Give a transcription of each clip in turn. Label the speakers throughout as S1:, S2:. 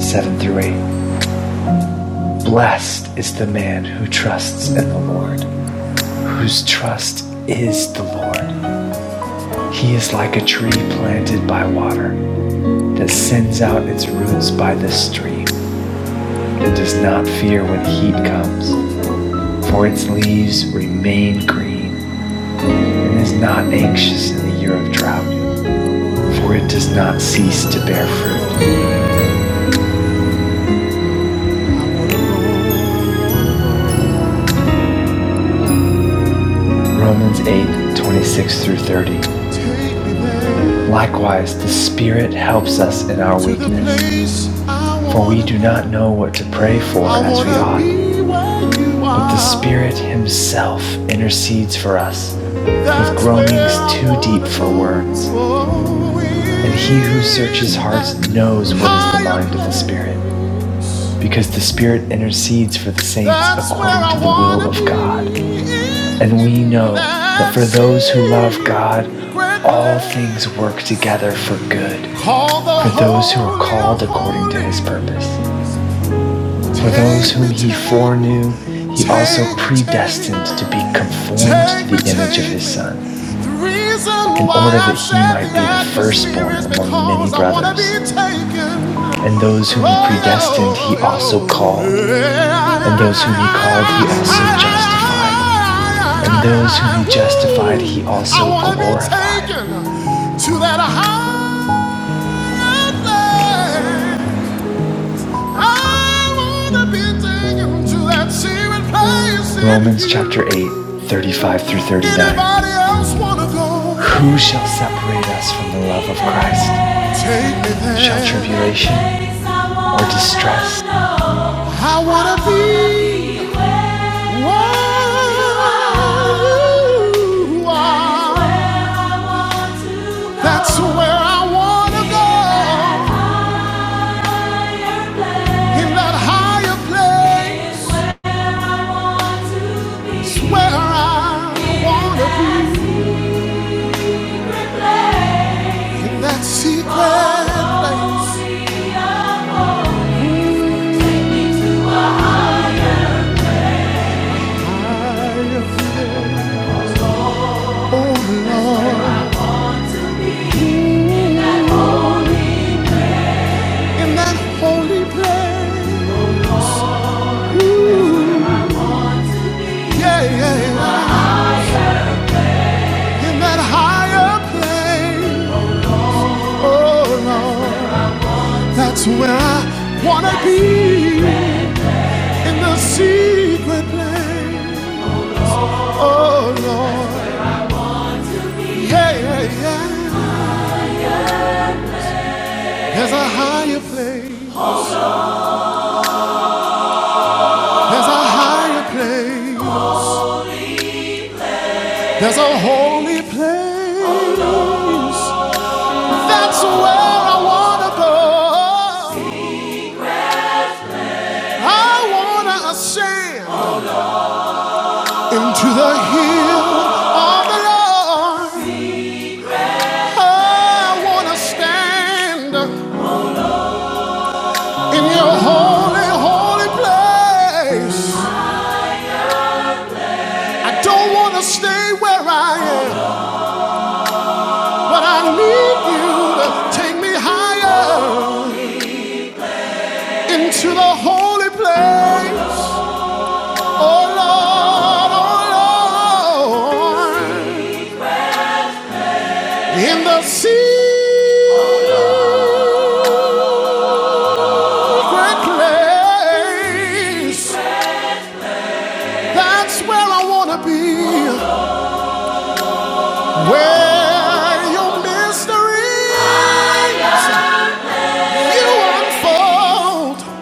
S1: 7 through 8. Blessed is the man who trusts in the Lord, whose trust is the Lord. He is like a tree planted by water that sends out its roots by the stream and does not fear when heat comes, for its leaves remain green and is not anxious in the year of drought, for it does not cease to bear fruit. Romans 8:26 through 30. Likewise, the Spirit helps us in our weakness, for we do not know what to pray for as we ought, but the Spirit Himself intercedes for us with groanings too deep for words. And He who searches hearts knows what is the mind of the Spirit, because the Spirit intercedes for the saints according to the will of God. And we know that for those who love God, all things work together for good, for those who are called according to his purpose. For those whom he foreknew, he also predestined to be conformed to the image of his son, in order that he might be the firstborn among many brothers. and those whom he predestined, he also called, And those whom he called, he also justified. and those whom he justified, he also glorified. Romans chapter 8, 35 through 39. Who shall separate us from the love of Christ? Shall tribulation or distress I wanna be where you are. That's where I wanna go. In that higher place, it's where I wanna be. In that secret place, I feel, oh Lord, in that holy place, ooh, yeah, yeah, yeah. in that higher place, oh Lord, that's where I wanna be, in the secret place, oh Lord, yeah, yeah, yeah. There's a higher place, there's a higher place. There's a holy place. That's where I wanna go. I wanna ascend into the hill of the Lord. I wanna stand in your holy, holy place. I don't wanna stay where I am, but I need you to take me higher into the holy place. Oh Lord, oh Lord, in the secret place, that's where I want to be, where your mysteries you unfold.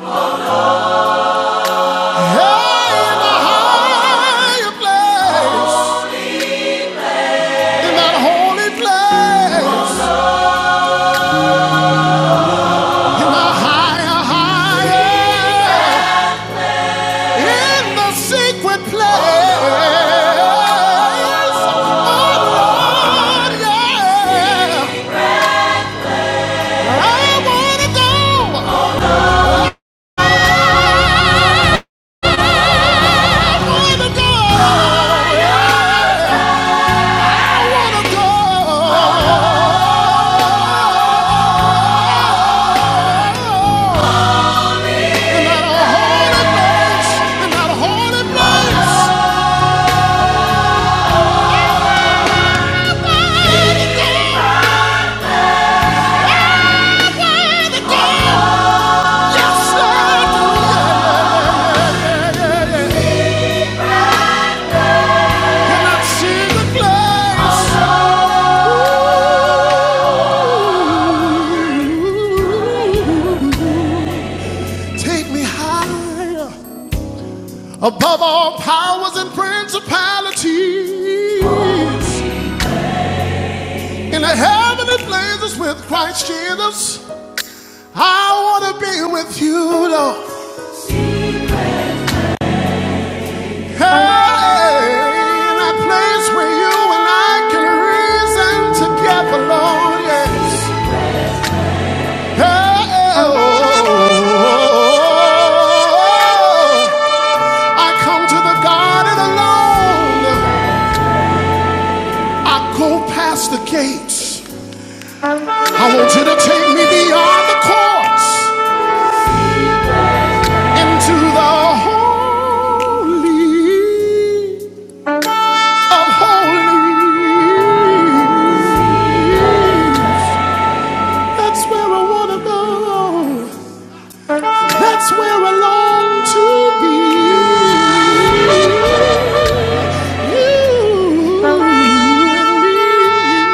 S1: Hey, in the higher place, in that holy place, in the higher, higher. in the secret place. Oh Lord, yeah. I wanna go. I wanna go. I wanna go. holy place, and not holy place. I to go. Yes, Lord, in that secret place. Take me higher. above all powers and principalities in the heavenly places with Christ Jesus. I want to be with you, Lord. Hey, in that place where you and I can reason together, Lord. Yes. Hey, oh, oh, oh. I come to the garden alone. I go past the gates. I want you to take me beyond the courts into the holy of holies. That's where I want to go. That's where I long to be. You and me.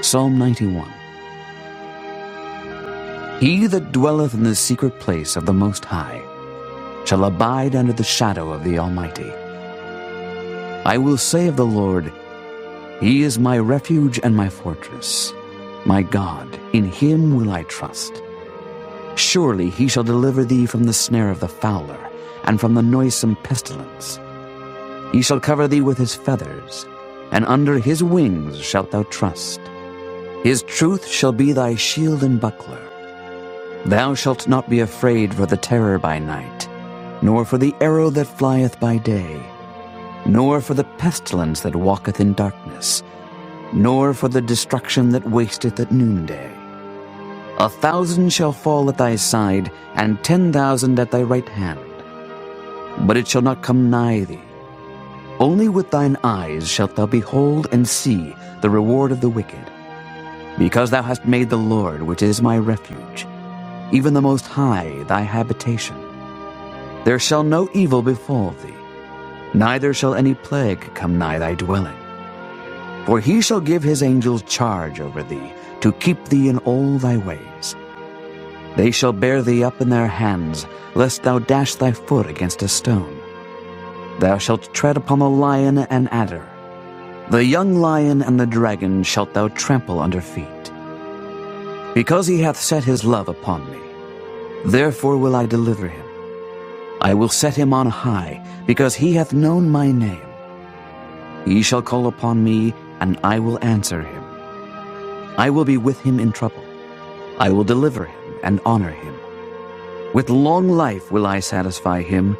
S1: Psalm 91 He that dwelleth in the secret place of the Most High shall abide under the shadow of the Almighty. I will say of the Lord, He is my refuge and my fortress, my God, in Him will I trust. Surely He shall deliver thee from the snare of the fowler, and from the noisome pestilence. He shall cover thee with His feathers, and under His wings shalt thou trust. His truth shall be thy shield and buckler. Thou shalt not be afraid for the terror by night, nor for the arrow that flieth by day nor for the pestilence that walketh in darkness, nor for the destruction that wasteth at noonday. A thousand shall fall at thy side, and ten thousand at thy right hand, but it shall not come nigh thee. Only with thine eyes shalt thou behold and see the reward of the wicked, because thou hast made the Lord, which is my refuge, even the Most High, thy habitation. There shall no evil befall thee, neither shall any plague come nigh thy dwelling. For he shall give his angels charge over thee, to keep thee in all thy ways. They shall bear thee up in their hands, lest thou dash thy foot against a stone. Thou shalt tread upon the lion and adder. The young lion and the dragon shalt thou trample under feet. Because he hath set his love upon me, therefore will I deliver him. I will set him on high, because he hath known my name. He shall call upon me, and I will answer him. I will be with him in trouble. I will deliver him and honor him. With long life will I satisfy him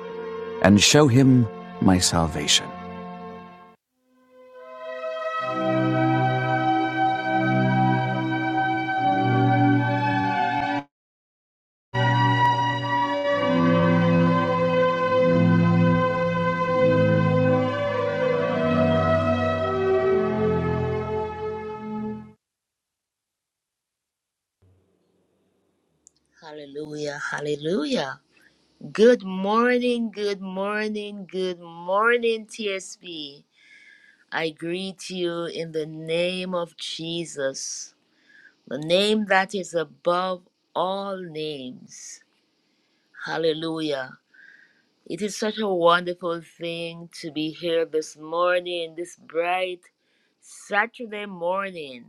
S1: and show him my salvation.
S2: Hallelujah, hallelujah. Good morning, good morning, good morning, TSB. I greet you in the name of Jesus, the name that is above all names. Hallelujah. It is such a wonderful thing to be here this morning, this bright Saturday morning.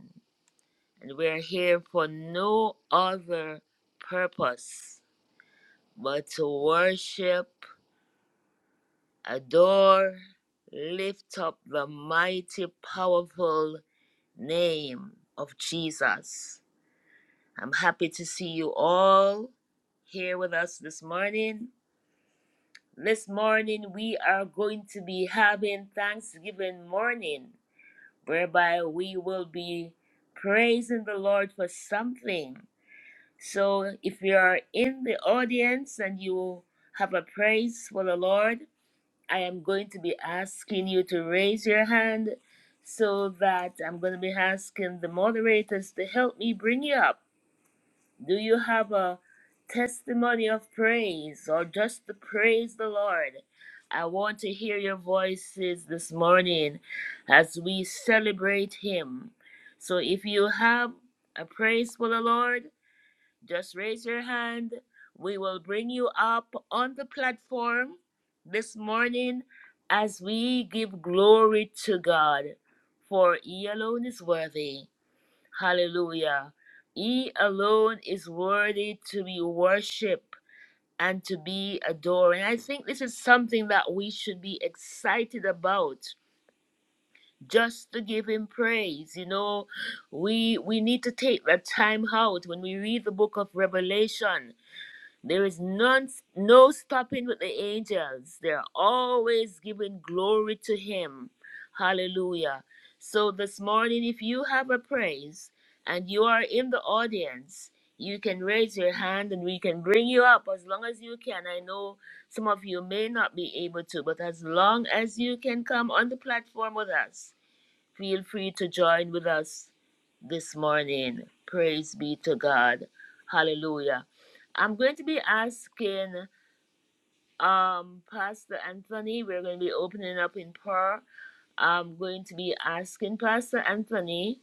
S2: And we're here for no other purpose but to worship adore, lift up the mighty, powerful name of Jesus. I'm happy to see you all here with us this morning. This morning, we are going to be having Thanksgiving morning, whereby we will be praising the Lord for something. So, if you are in the audience and you have a praise for the Lord, I am going to be asking you to raise your hand so that I'm going to be asking the moderators to help me bring you up. Do you have a testimony of praise or just to praise the Lord? I want to hear your voices this morning as we celebrate Him. So if you have a praise for the Lord, just raise your hand. We will bring you up on the platform this morning as we give glory to God, for He alone is worthy. Hallelujah. He alone is worthy to be worshiped and to be adored. And I think this is something that we should be excited about just to give him praise you know we we need to take that time out when we read the book of revelation there is none, no stopping with the angels. They're always giving glory to Him. Hallelujah. So this morning, if you have a praise and you are in the audience, you can raise your hand and we can bring you up as long as you can. I know some of you may not be able to, but as long as you can come on the platform with us, Feel free to join with us this morning. Praise be to God. Hallelujah. I'm going to be asking um Pastor Anthony, we're going to be opening up in prayer. I'm going to be asking Pastor Anthony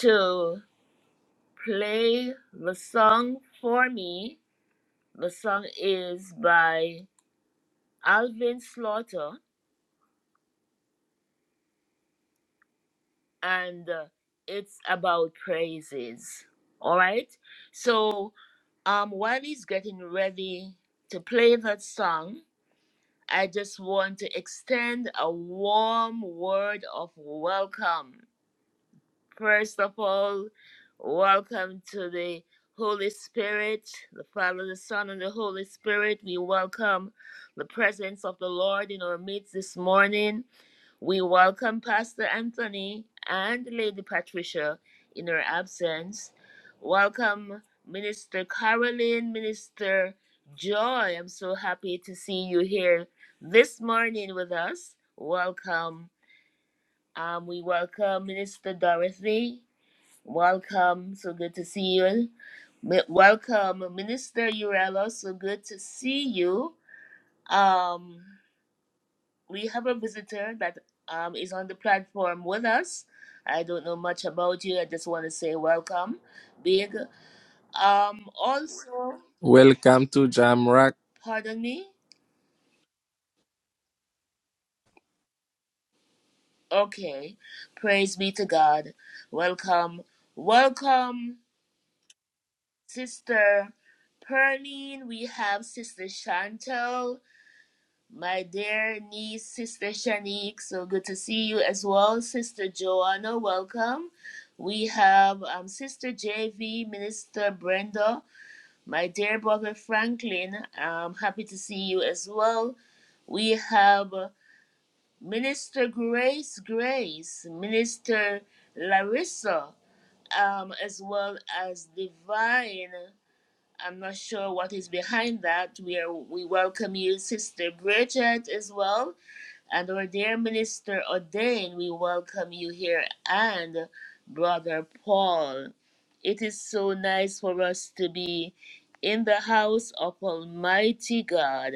S2: to play the song for me. The song is by Alvin Slaughter and uh, it's about praises. All right. So, um, while he's getting ready to play that song, I just want to extend a warm word of welcome. First of all, welcome to the Holy Spirit, the Father, the Son, and the Holy Spirit. We welcome the presence of the Lord in our midst this morning. We welcome Pastor Anthony and Lady Patricia in her absence. Welcome Minister Caroline, Minister Joy. I'm so happy to see you here this morning with us. Welcome. Um, we welcome Minister Dorothy. Welcome. So good to see you. Mi- Welcome, Minister Urello. So good to see you. Um, we have a visitor that um, is on the platform with us. I don't know much about you. I just want to say welcome, Big. Um, also,
S3: Welcome to Jamrock.
S2: pardon me. Okay, praise be to God. Welcome, welcome, Sister Perline. We have Sister Chantel My dear niece, Sister Shanique, so good to see you as well. Sister Joanna, welcome. We have um, Sister JV, Minister Brenda, my dear brother Franklin, I'm happy to see you as well. We have uh, Minister Grace Grace, Minister Larissa, um, as well as Divine. I'm not sure what is behind that. We, are, we welcome you, Sister Bridget, as well. And our dear minister O'Dane, we welcome you here, and Brother Paul. It is so nice for us to be in the house of Almighty God.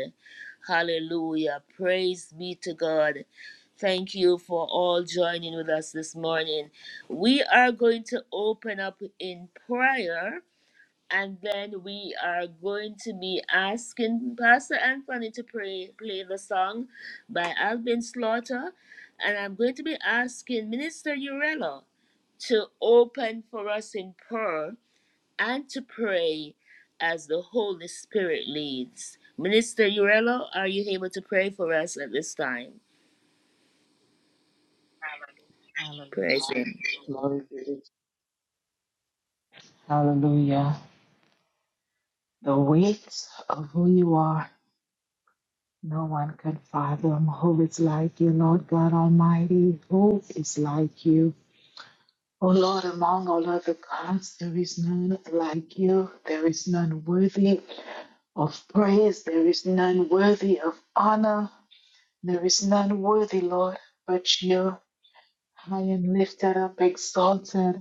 S2: Hallelujah. Praise be to God. Thank you for all joining with us this morning. We are going to open up in prayer and then we are going to be asking Pastor Anthony to pray, play the song by Alvin Slaughter, and I'm going to be asking Minister Urella to open for us in prayer and to pray as the Holy Spirit leads. Minister Urella, are you able to pray for us at this time?
S4: Hallelujah.
S2: Praise Him.
S4: Glory be to you. Hallelujah. The weight of who you are. No one can fathom who is like you, Lord God Almighty. Who is like you? O Lord, among all other gods, there is none like you. There is none worthy of praise. There is none worthy of honor. There is none worthy, Lord, but you. High and lifted up, exalted.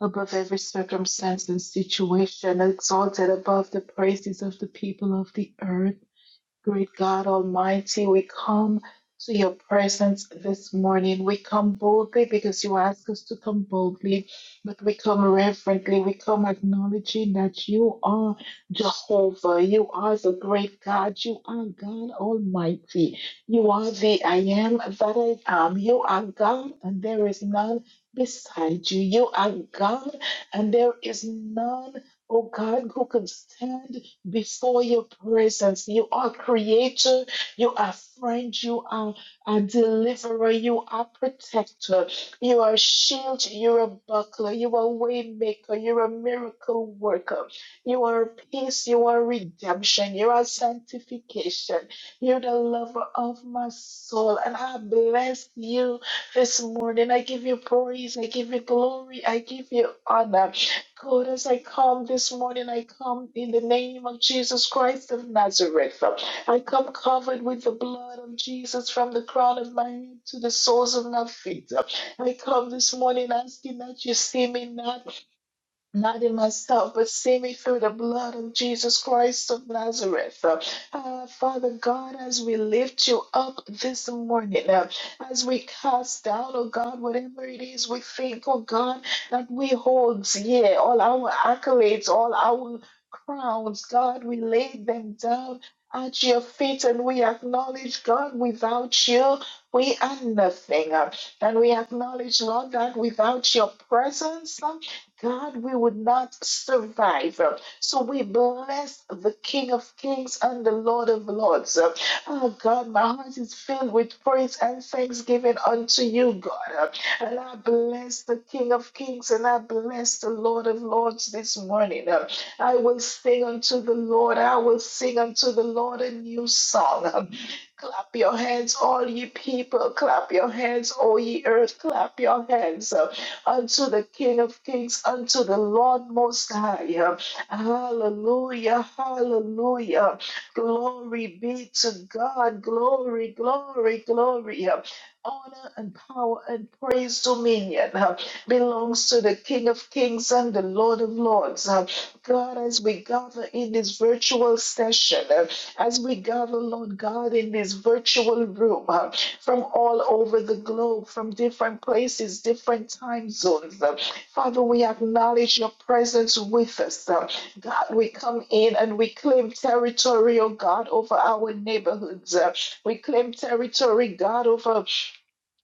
S4: above every circumstance and situation, exalted above the praises of the people of the earth. Great God Almighty, we come to your presence this morning. We come boldly because you ask us to come boldly, but we come reverently. We come acknowledging that you are Jehovah. You are the great God. You are God Almighty. You are the I am that I am. You are God, and there is none beside you. You are God, and there is none, oh God, who can stand before your presence. You are creator, you are friend, you are a deliverer, you are protector, you are shield, you're a buckler, you are way maker, you're a miracle worker, you are peace, you are redemption, you are sanctification, you're the lover of my soul. And I bless you this morning. I give you praise, I give you glory, I give you honor. God, as I come this morning, I come in the name of Jesus Christ of Nazareth. I come covered with the blood of Jesus from the crown of my head to the soles of my feet. I come this morning asking that you see me not not in myself, but see me through the blood of Jesus Christ of Nazareth. Uh, Father God, as we lift you up this morning, uh, as we cast down, oh God, whatever it is we think, oh God, that we hold, yeah, all our accolades, all our crowns, God, we lay them down at your feet and we acknowledge, God, without you, we are nothing. Uh, and we acknowledge, Lord, that without your presence, uh, God, we would not survive. So we bless the King of Kings and the Lord of Lords. Oh God, my heart is filled with praise and thanksgiving unto you, God. And I bless the King of Kings and I bless the Lord of Lords this morning. I will sing unto the Lord, I will sing unto the Lord a new song. Clap your hands, all ye people. Clap your hands, all ye earth. Clap your hands unto the King of Kings, unto the Lord Most High. Hallelujah, hallelujah. Glory be to God. Glory, glory, glory. Honor and power and praise dominion uh, belongs to the King of Kings and the Lord of Lords. Uh, God, as we gather in this virtual session, uh, as we gather, Lord God, in this virtual room uh, from all over the globe, from different places, different time zones. uh, Father, we acknowledge your presence with us. uh, God, we come in and we claim territory, oh God, over our neighborhoods. uh, we claim territory, God, over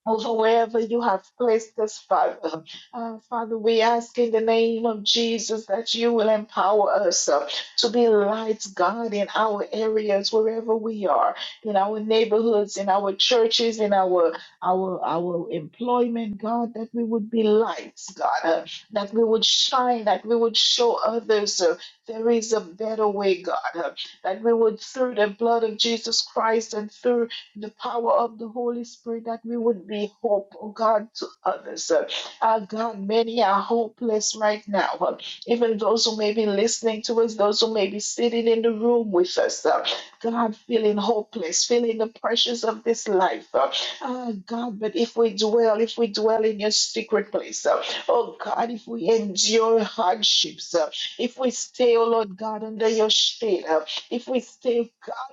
S4: over wherever you have placed us, Father. Uh, Father, we ask in the name of Jesus that you will empower us uh, to be lights, God, in our areas, wherever we are, in our neighborhoods, in our churches, in our our our employment, God, that we would be lights, God, uh, that we would shine, that we would show others uh, there is a better way, God, uh, that we would through the blood of Jesus Christ and through the power of the Holy Spirit that we would be hope, oh God, to others. Uh, uh, God, many are hopeless right now. Uh, even those who may be listening to us, those who may be sitting in the room with us, uh, God, feeling hopeless, feeling the pressures of this life. Uh, ah, God, but if we dwell, if we dwell in your secret place, uh, oh God, if we endure hardships, uh, if we stay, oh Lord God, under your shade, uh, if we stay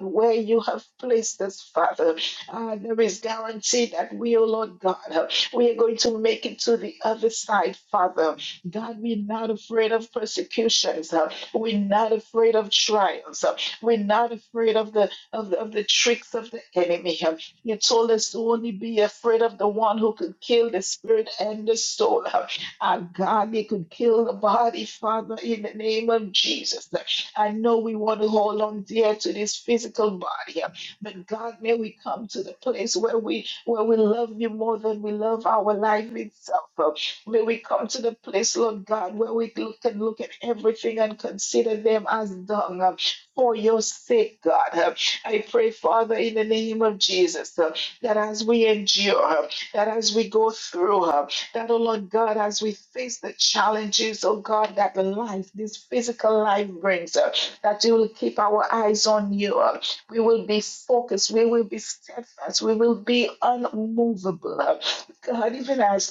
S4: where you have placed us, Father. Uh, there is guarantee that we, oh Lord God, uh, we are going to make it to the other side, Father. God, we're not afraid of persecutions. uh, we're not afraid of trials. uh, we're not afraid of the of the, of the tricks of the enemy. uh. you told us to only be afraid of the one who could kill the spirit and the soul. Uh, Our God, they could kill the body, Father, in the name of Jesus. I know we want to hold on dear to this physical body, uh, but God, may we come to the place where we where we love you more than we love our life itself. uh. May we come to the place, Lord God, where we look and look at everything and consider them as dung um, for your sake, God. Um, I pray, Father, in the name of Jesus, um, that as we endure, um, that as we go through, um, that, oh Lord God, as we face the challenges, oh God, that the life, this physical life brings, uh, that you will keep our eyes on you. uh, We will be focused. We will be steadfast. We will be unmovable. uh, God, even as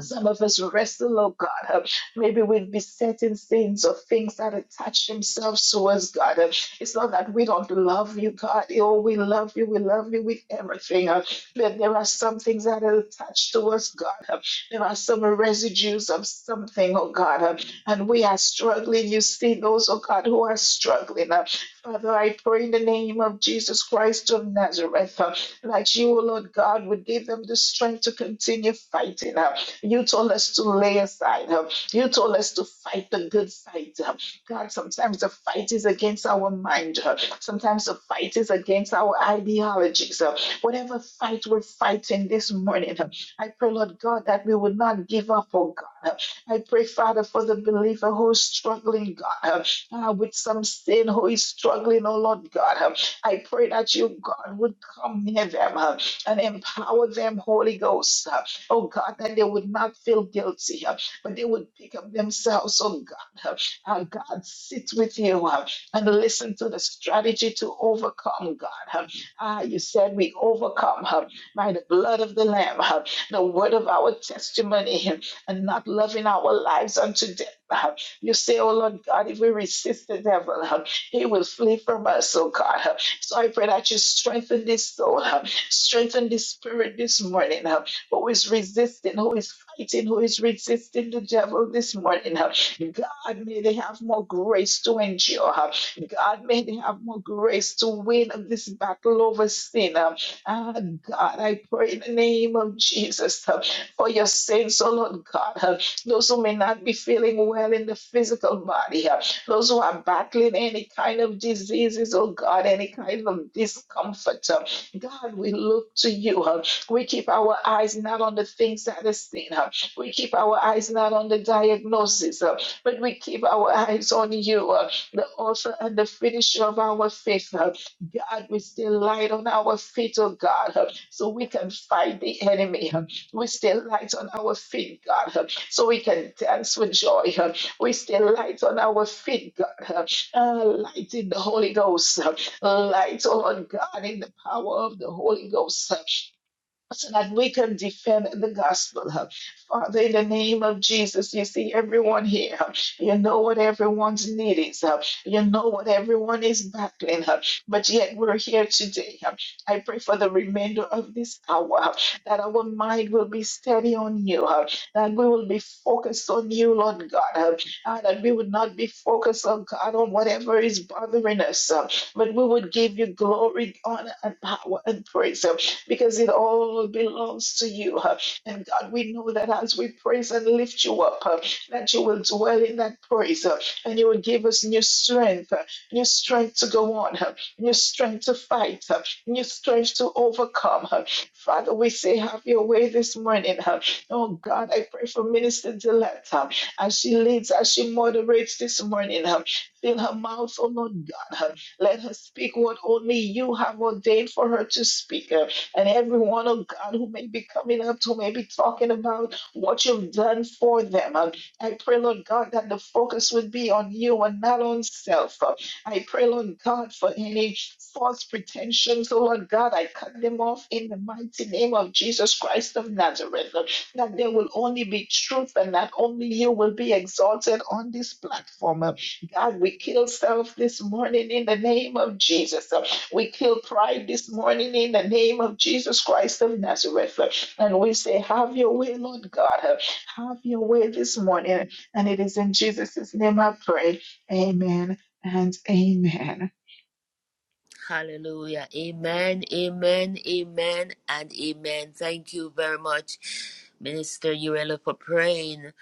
S4: some of us wrestle, oh God. uh, Maybe with besetting sins or things that attach themselves to us, God. Uh, It's not that we don't love you, God. Oh, we love you. We love you with everything. uh, But there are some things that are attached to us, God. Uh, There are some residues of something, oh God. uh, And we are struggling. You see those, oh God, who are struggling. uh, Father, I pray in the name of Jesus Christ of Nazareth uh, that you, oh Lord God, would give them the strength to continue fighting. uh, you told us to lay aside. um, You told us to fight the good fight. um. God, sometimes the fight is against our mind. uh, Sometimes the fight is against our ideologies. uh, Whatever fight we're fighting this morning, um, I pray, Lord God, that we would not give up, oh God. uh. I pray, Father, for the believer who is struggling, God, uh, uh, with some sin, who is struggling, oh Lord God. uh. I pray that you, God, would come near them uh, and empower them, Holy Ghost oh God, that they would not feel guilty, uh, but they would pick up themselves, oh God. Uh, uh, God, sit with you uh, and listen to the strategy to overcome, God. Uh, ah, you said we overcome uh, by the blood of the Lamb, uh, the word of our testimony, uh, and not loving our lives unto death. uh. You say, oh Lord God, if we resist the devil, uh, he will flee from us, oh God. uh. So I pray that you strengthen this soul, uh, strengthen this spirit this morning. uh, who is resisting, who is fighting, who is resisting the devil this morning. uh, God, may they have more grace to endure. uh, God, may they have more grace to win this battle over sin. uh, Ah, God, I pray in the name of Jesus uh, for your saints, oh Lord God, uh, those who may not be feeling well in the physical body, uh, those who are battling any kind of diseases, oh God, any kind of discomfort. uh, God, we look to you. uh, we keep our eyes not on the things that are seen. uh, We keep our eyes not on the diagnosis, uh, but we keep our eyes on you, uh, the author and the finisher of our faith. uh. God, we still light on our feet, oh God, uh, so we can fight the enemy. uh. We still light on our feet, God, uh, so we can dance with joy. uh. We still light on our feet, God, uh, uh, light in the Holy Ghost, uh, light, oh Lord God, in the power of the Holy Ghost. uh so that we can defend the gospel. Father, in the name of Jesus, you see everyone here. You know what everyone's need is. You know what everyone is battling. But yet we're here today. I pray for the remainder of this hour that our mind will be steady on you, that we will be focused on you, Lord God, Ah, that we would not be focused on God on whatever is bothering us, but we would give you glory, honor, and power and praise because it all belongs to you. uh, And God, we know that as we praise and lift you up, uh, that you will dwell in that praise uh, and you will give us new strength, uh, new strength to go on, uh, new strength to fight, uh, new strength to overcome. uh. Father, we say, have your way this morning. uh. Oh God, I pray for Minister Diletta as she leads, as she moderates this morning. uh, Fill her mouth, oh Lord God. uh, Let her speak what only you have ordained for her to speak. uh and everyone, oh God, who may be coming up, who may be talking about what you've done for them. Um, I pray, Lord God, that the focus would be on you and not on self. Uh, I pray, Lord God, for any false pretensions, oh Lord God, I cut them off in the mighty name of Jesus Christ of Nazareth, Uh, that there will only be truth and that only you will be exalted on this platform. Uh, God, we kill self this morning in the name of Jesus. We kill pride this morning in the name of Jesus Christ of Nazareth. And we say, Have your way, Lord God. Have your way this morning. And it is in Jesus' name I pray. Amen and amen.
S2: Hallelujah. Amen, amen, amen, and amen. Thank you very much, Minister Urella, for praying.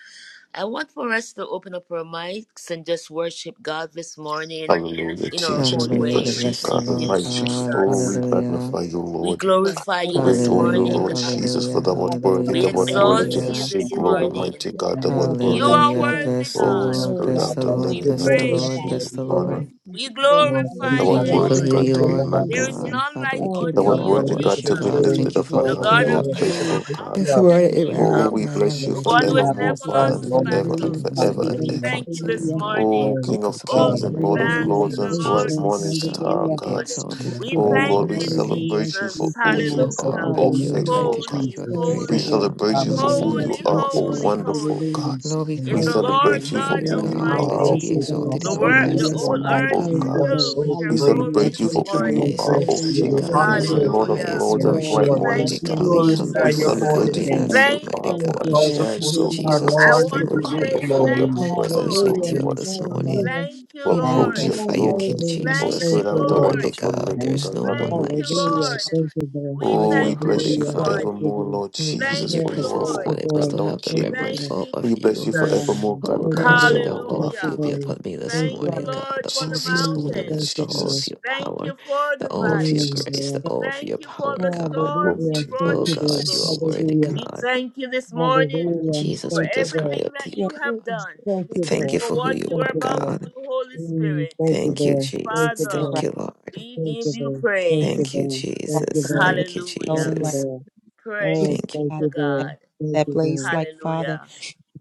S2: I want for us to open up our mics and just worship God this morning
S5: Hallelujah,
S2: in our
S5: Jesus.
S2: own
S5: We
S6: Hallelujah. We
S2: way.
S5: bless you,
S6: bless the
S5: God.
S2: Thank
S5: We
S2: you,
S6: Lord
S5: might you.
S7: Hallelujah.
S6: God.
S5: Oh, we
S2: Jesus.
S6: Hallelujah.
S5: magnify you,
S2: We
S5: Lord.
S8: Hallelujah.
S2: glorify
S8: Thank
S2: you
S5: We
S8: you,
S2: this
S5: adore
S8: Lord.
S5: you,
S6: Hallelujah.
S8: Lord,
S2: morning,
S5: Lord
S8: we
S2: God.
S8: thank you,
S5: Jesus, for
S6: Hallelujah.
S5: the
S8: Lord.
S5: word
S7: We
S5: worthy,
S6: Hallelujah.
S2: We
S5: the
S8: Hallelujah.
S5: word
S8: Thank
S7: thank
S8: you,
S7: the
S5: worthy
S2: exalt
S5: to
S8: Lord.
S7: Lord.
S2: you
S6: Hallelujah.
S5: receive
S7: Thank
S2: this
S7: you,
S8: Hallelujah.
S5: glory,
S7: Lord.
S2: morning.
S5: mighty
S8: Yes,
S5: God, the word
S8: Lord,
S7: Hallelujah.
S8: we
S2: You
S5: worthy.
S8: thank
S2: are
S8: you,
S6: Hallelujah.
S8: Lord.
S2: worthy,
S6: Bless the
S7: There is
S5: Oh,
S2: God.
S7: no
S6: Lord.
S5: Spirit
S6: Bless
S7: God
S5: of
S6: the
S8: Hallelujah.
S5: the
S7: like
S6: Lord.
S2: We
S7: you,
S5: living
S6: Bless
S8: We
S5: God,
S8: will
S6: the
S5: to
S8: be
S7: Lord.
S2: praise
S6: Lord.
S8: about
S2: you.
S5: receive
S8: the
S6: Bless the Lord.
S5: honor.
S7: Hallelujah.
S8: praise. Thank
S2: We
S8: you, Lord.
S7: You are
S6: We
S7: from
S5: The
S2: glorify
S5: word
S2: you,
S6: thank
S8: Hallelujah.
S6: you for
S5: worthy,
S8: Thank
S6: who
S2: Lord.
S8: you,
S5: God,
S7: everlasting
S5: to
S7: to
S6: you
S8: Lord.
S5: be
S6: are, you
S2: There is
S8: Hallelujah.
S6: God.
S7: everlasting.
S5: magnified.
S2: none
S6: Father,
S2: like
S6: we give
S8: Oh,
S5: The
S7: You
S2: unto
S6: you
S5: word
S7: are
S8: thank
S6: all
S8: you,
S2: you,
S6: the
S5: worthy,
S7: worthy
S8: Lord.
S7: to
S5: God,
S7: be
S6: worship,
S5: to be
S6: God.
S2: Jesus,
S8: Hallelujah.
S6: Thank
S5: lifted
S7: praised,
S6: you
S5: up
S6: for
S8: Thank
S5: on
S2: the
S7: Lord.
S8: you,
S5: high,
S6: waking
S7: You
S8: Lord.
S2: God
S6: me
S7: are
S5: oh,
S2: of
S6: up
S7: worthy to be
S8: Hallelujah.
S2: Abram,
S5: faithful God.
S7: lifted
S6: this
S2: Isaac,
S7: up.
S2: and
S6: morning
S8: Oh,
S6: in my
S8: thank
S5: Oh,
S8: you,
S2: Jacob,
S6: right
S5: we
S6: mind,
S5: bless
S7: You
S5: you
S7: are
S2: the
S7: to
S6: Almighty
S7: be
S2: one who
S8: Hallelujah.
S2: has
S5: forevermore,
S6: God.
S8: Thank you,
S2: never
S5: Father,
S8: Lord.
S7: magnified,
S6: Thank
S5: and
S2: lost
S6: you
S2: the
S6: for
S7: Lord.
S6: your
S5: forever
S2: battle.
S5: and
S8: Hallelujah.
S6: forgiveness.
S8: Thank
S5: forever
S6: Thank
S8: you,
S6: you
S5: and
S6: for
S2: We
S6: your
S8: Lord.
S7: Hallelujah.
S5: ever.
S2: thank you this
S6: cleansing,
S8: Hallelujah.
S6: God.
S2: morning.
S5: Oh,
S7: Glory
S8: Thank
S5: King
S7: to
S5: of
S6: Focus
S8: you,
S2: Oh,
S6: upon
S8: Lord.
S7: God.
S5: kings
S6: you
S5: and
S2: give
S6: right
S5: Lord
S6: now
S7: Thank
S5: of
S6: in
S7: you,
S6: the
S8: Hallelujah.
S2: thanks
S5: lords
S2: to
S6: name
S2: the
S6: of
S5: and
S8: Thank you,
S7: Jesus.
S2: Lord,
S5: bright
S8: Lord.
S2: for
S5: morning
S6: Jesus,
S2: he
S6: God.
S5: star,
S8: Hallelujah.
S2: is
S6: You be
S5: God.
S2: good.
S7: Praise
S6: exalted,
S8: Thank
S7: God.
S2: We
S8: you,
S6: God.
S5: Oh
S7: Thank
S6: You
S8: Lord.
S7: you,
S2: thank
S6: are
S5: Lord, we
S2: you,
S6: worthy.
S7: Jesus.
S8: Hallelujah.
S5: celebrate you for
S2: Jesus.
S8: Thank
S5: who
S8: you,
S6: There's
S5: you
S8: Lord.
S6: no
S7: Blessed
S5: are,
S7: be
S6: God
S2: Hallelujah.
S7: the
S5: oh
S6: like you,
S7: name
S8: Hallelujah.
S7: of
S5: faithful
S6: Almighty
S5: God.
S6: God.
S2: Holy,
S6: You are the
S8: Thank
S6: great
S7: Jesus.
S5: We
S8: you,
S6: I
S2: holy,
S8: Lord.
S6: am.
S5: celebrate you
S6: Father, we
S5: for who
S7: Hallelujah.
S8: Hallelujah.
S6: submit
S5: you
S6: to
S2: holy,
S6: you
S8: Thank
S5: are, oh
S8: you,
S6: this
S8: Lord.
S2: holy,
S6: morning.
S5: wonderful
S2: holy
S8: Hallelujah.
S5: God.
S7: Praise
S6: Lord, we
S5: We
S6: come
S2: is
S7: God.
S6: to
S8: Thank
S2: the
S8: you,
S2: Lord
S5: celebrate
S8: Lord.
S5: you
S6: magnify
S5: for
S2: God
S6: you,
S5: who you
S7: Oh,
S6: God,
S8: Hallelujah.
S6: that you
S5: are,
S8: Thank
S6: be
S7: yes,
S2: Almighty.
S8: you,
S7: it's
S8: Lord.
S6: exalted
S2: The,
S6: in our
S5: oh,
S7: awesome.
S2: word,
S7: You're
S6: lives
S2: the
S5: oh
S8: Hallelujah.
S7: so
S6: this
S2: whole
S6: morning,
S7: mighty.
S2: earth
S5: wonderful
S8: Thank
S2: is
S6: God.
S8: you,
S5: God.
S7: You're
S8: Lord.
S2: filled with
S7: so
S2: your
S5: We
S7: great.
S2: glory
S8: Hallelujah.
S5: celebrate
S6: Thank
S5: you
S6: you
S2: this
S6: be
S5: for
S8: Thank you,
S5: who you
S7: We
S8: Lord.
S2: morning.
S6: praised.
S5: are, oh
S7: bless you.
S8: Hallelujah.
S5: King
S7: We
S5: of
S6: God,
S8: Thank
S6: you
S7: honor
S8: you,
S5: kings and
S8: Lord.
S7: you.
S6: deserve the
S5: Lord of
S2: Hallelujah.
S6: highest
S7: We
S5: lords and
S8: Oh,
S2: We
S6: worship,
S5: bright
S7: adore
S8: we
S5: morning
S8: bless
S7: you.
S6: Almighty
S2: thank
S7: We
S8: the
S2: you,
S5: star.
S6: God. We come
S8: name,
S7: glorify
S5: We
S6: before
S8: Lord.
S7: your
S6: you,
S2: Jesus.
S9: I'm
S6: God.
S7: holy
S5: celebrate you
S6: We
S5: for
S8: Hallelujah.
S7: name.
S6: ask
S5: who
S6: you,
S5: you
S2: Thank
S6: Almighty
S5: are,
S2: you,
S8: Thank
S5: for a
S8: you,
S6: God,
S7: Because
S8: Lord.
S7: of who
S5: chance,
S2: Jesus.
S7: you
S5: oh
S7: are,
S8: Hallelujah.
S5: God,
S6: Jesus,
S2: I
S6: just
S7: Lord,
S8: Thank
S6: to
S7: we
S8: you,
S2: want
S5: to
S2: to
S6: move
S7: give
S8: Lord.
S6: by
S7: you
S5: come
S6: your
S2: say
S5: before your
S6: power.
S2: thank
S7: glory.
S6: Oh,
S2: you,
S6: God, we
S5: presence, oh
S6: lift
S2: Lord.
S6: you
S8: Hallelujah.
S6: up
S5: Lord,
S7: Praise
S6: this
S7: God.
S6: morning.
S8: Hallelujah.
S2: Thank
S9: gonna
S2: you,
S5: to
S6: We
S7: Thank
S2: Lord.
S5: approach
S7: you,
S5: your
S6: magnify you,
S5: throne,
S6: King
S7: Jesus.
S8: Hallelujah.
S5: oh
S2: Thank
S6: Jesus.
S8: Thank
S2: you,
S5: Spirit
S6: You are
S8: you,
S5: of the
S8: Lord.
S2: Lord.
S7: Glory
S6: worthy,
S7: to
S5: wonderful
S7: your
S6: God. There
S5: living
S7: name,
S6: is
S5: God.
S6: no one
S7: Lord.
S2: Thank
S5: Hallelujah,
S6: like
S2: you,
S6: you,
S8: Hallelujah.
S6: God.
S5: Jesus.
S2: Lord.
S8: Thank you, Lord.
S2: We
S6: God,
S5: Oh, we
S6: you're
S2: thank you
S6: holy,
S5: bless you
S2: this
S8: Hallelujah.
S10: You are my
S6: God.
S8: Thank
S2: morning.
S8: you,
S5: forevermore,
S8: Lord.
S5: Lord
S6: When we come in
S5: Jesus,
S2: Thank
S6: your
S5: for
S2: you,
S5: you
S8: Lord,
S5: are
S6: presence,
S8: Thank
S2: Lord.
S6: God,
S5: Lord
S8: you,
S6: it was
S8: Lord.
S5: God,
S6: to
S5: Lord
S6: have the
S8: Thank
S5: King.
S8: you,
S6: reverent
S2: Thank
S8: Lord.
S6: awe
S2: you,
S6: of
S5: We bless
S6: you.
S5: you
S2: Jesus.
S5: forevermore,
S8: Hallelujah.
S5: God,
S6: Oh
S8: Thank you,
S10: enemy.
S6: God,
S5: because
S6: may
S5: you
S8: Lord.
S6: the
S5: are
S6: all
S8: Thank
S5: our
S6: of
S8: you,
S2: Hallelujah.
S6: you be
S5: God.
S8: Lord.
S6: upon me this
S8: Thank
S2: Thank
S10: You
S8: you,
S10: are
S2: you,
S6: morning,
S10: my
S8: Lord.
S6: God.
S2: Lord,
S6: The
S2: for
S6: all
S2: the
S6: of your
S5: Jesus,
S8: Mm,
S5: hallelujah,
S8: Thank
S6: holiness,
S8: you,
S6: the
S2: mountains.
S6: all
S8: Lord.
S6: of
S5: Jesus.
S6: your
S2: Thank
S6: power,
S2: you for
S6: the
S2: the
S6: all
S5: Thank
S6: of
S5: you,
S6: your
S2: valley.
S8: Mm,
S5: Jesus.
S6: grace, the
S8: Lord.
S10: you are
S6: all
S10: my
S6: of your
S2: Thank you for
S6: power,
S2: the
S6: God.
S5: Glory
S2: storms you
S8: Hallelujah.
S5: to you,
S8: Thank
S2: brought
S6: Oh
S8: you,
S2: us
S8: Lord.
S6: God,
S2: through.
S6: you are
S5: Jesus.
S10: you are my
S6: worthy,
S10: you are my one God
S8: Hallelujah.
S2: We
S6: God.
S2: thank you this morning
S8: Hallelujah.
S10: forever and
S2: for
S6: Jesus, we
S8: Thank you,
S6: just
S10: forever.
S6: cry
S8: Lord.
S2: everything
S6: out to
S2: that
S6: you,
S10: You are
S2: you
S6: God.
S2: have
S8: Mm,
S2: done
S10: my
S8: Thank
S6: We
S8: you,
S10: God
S6: thank
S2: and
S8: Lord.
S6: you
S2: for
S6: for
S10: that
S6: who
S10: never
S2: what
S6: you
S2: you
S8: Thank
S2: are
S6: are,
S10: fails.
S8: you,
S2: about
S8: Lord.
S2: to
S10: You
S2: do,
S6: God.
S10: are my
S2: Holy
S8: Mm,
S2: Spirit.
S10: God who
S8: Thank you,
S6: Thank you,
S10: sets
S8: Lord. Thank
S10: us
S6: Jesus.
S8: you,
S10: in your
S2: Father,
S6: Thank
S8: Lord.
S10: right.
S6: you, Lord.
S2: we
S8: Thank
S10: You
S8: you,
S10: are
S2: give you
S8: Lord.
S10: my God
S8: Thank you,
S6: Thank
S2: praise.
S6: you,
S8: Lord.
S10: that
S8: Thank
S10: walks
S8: you,
S6: Jesus.
S10: among
S8: Lord.
S10: the
S6: Thank you,
S10: seven
S8: Thank
S2: Hallelujah.
S10: golden
S8: you,
S10: lamps.
S6: Jesus.
S8: Lord.
S10: You
S8: Oh,
S10: are
S2: Praise
S6: Thank you.
S2: be
S8: thank
S10: my God
S2: to
S8: you,
S10: that,
S8: Lord.
S2: God.
S8: Thank
S10: that
S8: you,
S10: blaze
S8: Lord.
S10: like Father.
S2: Hallelujah.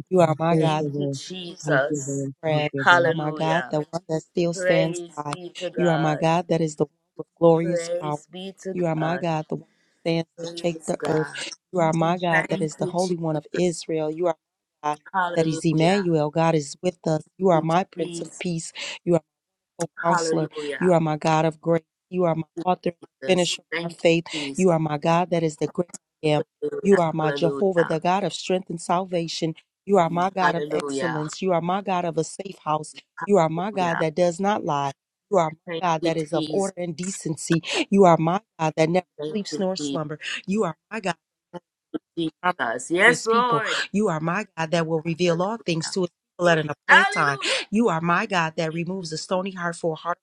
S10: You are my
S8: Thank
S10: God
S2: Thank
S8: you,
S2: you,
S8: Lord.
S10: like
S8: Thank
S10: shining
S8: you,
S2: Jesus.
S8: Lord. Thank
S10: brass.
S8: you,
S10: You
S8: Lord.
S10: are my God,
S2: Hallelujah.
S10: the one that still stands
S2: Praise
S10: high.
S2: be to
S10: You are my
S2: God.
S10: God that is the one with glorious power.
S2: Praise be to
S10: You are my
S2: God.
S10: God, the one who stands to shake
S2: Praise
S10: the earth.
S2: God.
S10: You are my God that
S2: Thank
S10: is the
S2: you,
S10: Holy One
S2: Jesus.
S10: of Israel. You are my God that is
S2: Hallelujah.
S10: Emmanuel. God is with us. You
S2: We
S10: are my Prince of
S2: Please,
S10: Peace. O counselor. You
S2: hallelujah.
S10: are my God of grace. You are my author and
S2: Jesus.
S10: finisher of our
S2: Thank
S10: faith.
S2: you, Jesus.
S10: You are my God that is the great I am. You
S2: Hallelujah.
S10: are my Jehovah,
S2: Hallelujah.
S10: the God of strength and salvation. You are my God of
S2: Hallelujah.
S10: excellence. You are my God of a safe house. You are my God
S2: Hallelujah.
S10: that does not lie. You are my
S2: Thank
S10: God
S2: you,
S10: that is of
S2: Jesus.
S10: order and decency. You are my God that never
S2: Thank
S10: sleeps
S2: you,
S10: nor
S2: Jesus.
S10: slumber. You are my God that
S2: Jesus.
S10: promises to
S2: Yes,
S10: his people.
S2: Lord.
S10: You are my God that will reveal all things
S2: Hallelujah.
S10: to his people at an appointed time.
S2: Hallelujah.
S10: You are my God that
S2: Thank you,
S10: removes a stony
S2: Jesus.
S10: heart for a heart.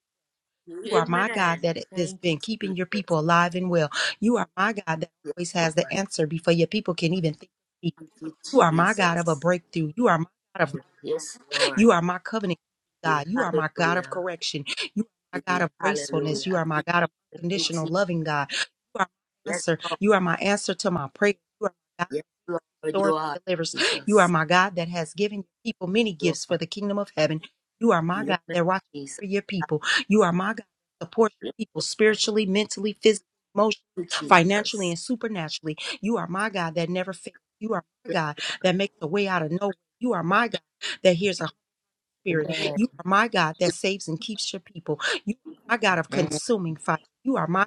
S10: You are my God
S2: Amen.
S10: that has
S2: Thank you,
S10: been keeping your
S2: Jesus.
S10: people alive and well. You are my God that
S2: Yes,
S10: always has the
S2: Lord.
S10: answer before your people can even think.
S2: Thank you,
S10: You are my God of a
S2: Jesus.
S10: breakthrough. You are my God of
S2: Yes,
S10: you
S2: Lord.
S10: are my covenant God. You are my God of
S2: Hallelujah.
S10: correction. You are my God of gracefulness. You
S2: Hallelujah.
S10: are my God of
S2: Thank you,
S10: unconditional
S2: Jesus.
S10: loving God. You are my answer.
S2: Yes,
S10: You are my answer to my prayer
S2: Yes, Lord, you
S10: restores
S2: are
S10: and delivers. You are
S2: Jesus.
S10: my God that has given your people many
S2: Lord,
S10: gifts for the kingdom of heaven. You are my
S2: amen,
S10: God that watches
S2: Jesus.
S10: for your people. You are my God that supports
S2: Lord,
S10: your people spiritually, mentally, physically, emotionally,
S2: oh,
S10: financially,
S2: Jesus.
S10: and supernaturally. You are my God that never fails. You are my God that
S2: Lord,
S10: makes a way out of no way. You are my God that hears a spirit.
S2: amen.
S10: You are my God that saves and keeps your people. You are my God of
S2: Mm.
S10: consuming fire. You are my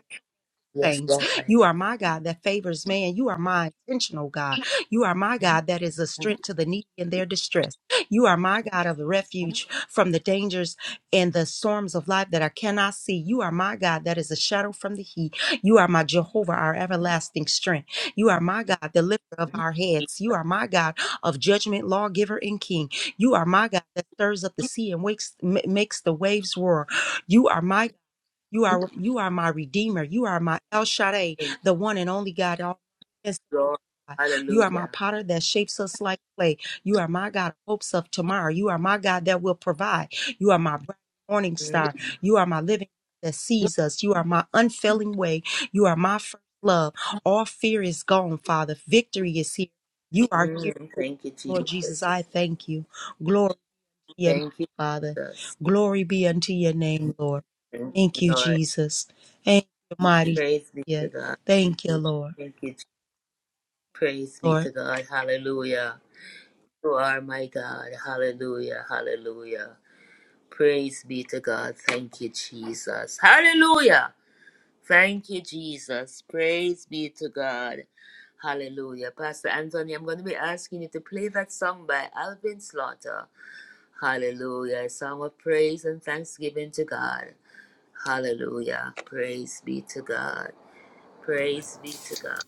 S2: Yes,
S10: things.
S2: Lord.
S10: You are my God that favors man. You are my intentional God. You are my God that is a
S2: Mm.
S10: strength to the needy in their distress. You are my God of refuge from the dangers and the storms of life that I cannot see. You are my God that is a shadow from the heat. You are my Jehovah, our everlasting strength. You are my God, the lifter of
S2: Yes,
S10: our heads. You are my God of judgment, lawgiver, and king. You are my God that stirs up the sea and wakes, ma- makes the waves roar. You are my you are you are my redeemer. You are my El Shaddai, the one and only God. All yes,
S2: Lord.
S10: you are my
S2: Hallelujah.
S10: potter that shapes us like clay. You are my God of hopes of tomorrow. You are my God that will provide. You are my bright morning
S2: Mm,
S10: star. You are my living that sees us. You are my unfailing way. You are my first love. All fear is gone, Father. Victory is here. You are here,
S2: mm, Thank you,
S10: Lord Jesus. I
S2: Jesus.
S10: thank you. Glory your name,
S2: Thank you,
S10: Father.
S2: Jesus.
S10: Glory be unto your name, Lord.
S2: Thank you,
S10: Thank you,
S2: Lord.
S10: Jesus. Thank you, mighty
S2: Praise be to
S10: Savior.
S2: God.
S10: Thank you, Lord.
S2: Thank you. Je- Praise be
S10: Lord.
S2: to God. Hallelujah. You are my God. Hallelujah. Hallelujah. Praise be to God. Thank you, Jesus. Hallelujah. Thank you, Jesus. Praise be to God. Hallelujah. Pastor Anthony, I'm going to be asking you to play that song by Alvin Slaughter. Hallelujah. A song of praise and thanksgiving to God. Hallelujah. Praise be to God. Praise be to God.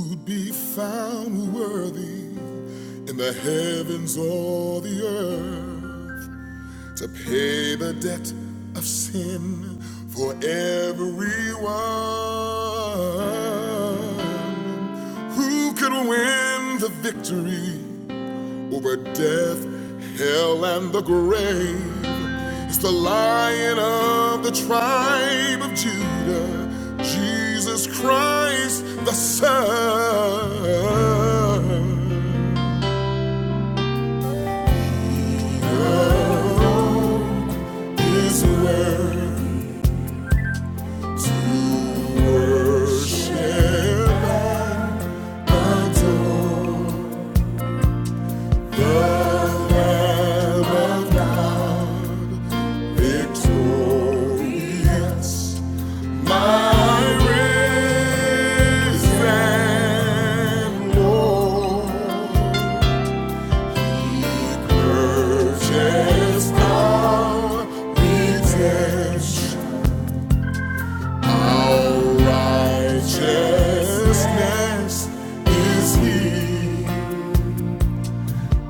S1: would be found worthy in the heavens or the earth to pay the debt of sin for everyone. Who could win the victory Over death, hell, and the grave it's the lion of the tribe of Judah, Jesus Christ the Son. His word to worship, adore the Lamb of God, victorious. Righteousness is he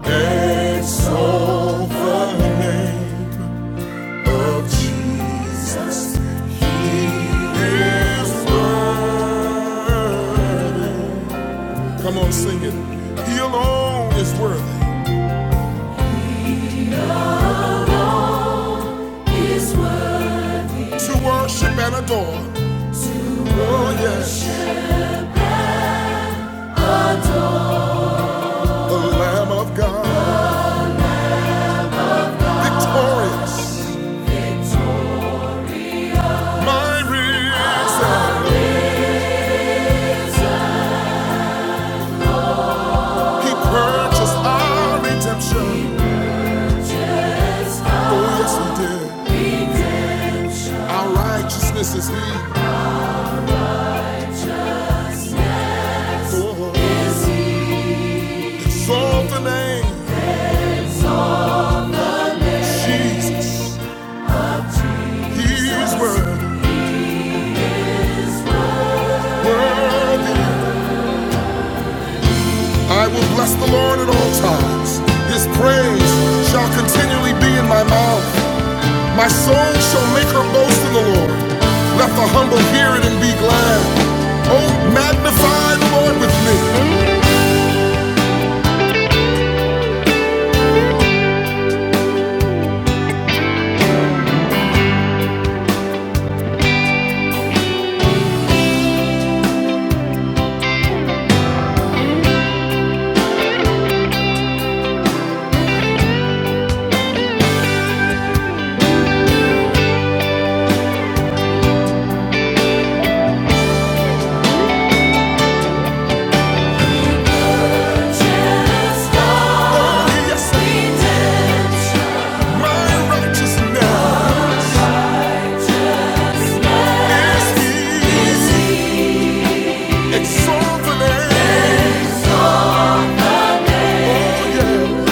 S1: that's over of Jesus. He is worthy. Come on, sing it. He alone is worthy to worship and adore. Oh, yes, the Lamb of God, victorious, my reason. He purchased our redemption. Oh, yes, He did. Our righteousness is He. Oh, exalt the name Jesus. He's worthy, worthy. I will bless the Lord at all times. His praise shall continually be in my mouth. My soul shall make her boast in the Lord. Let the humble hear it and be glad. Oh, magnify the Lord with me. For he is my righteousness. Is he exalted? Yeah.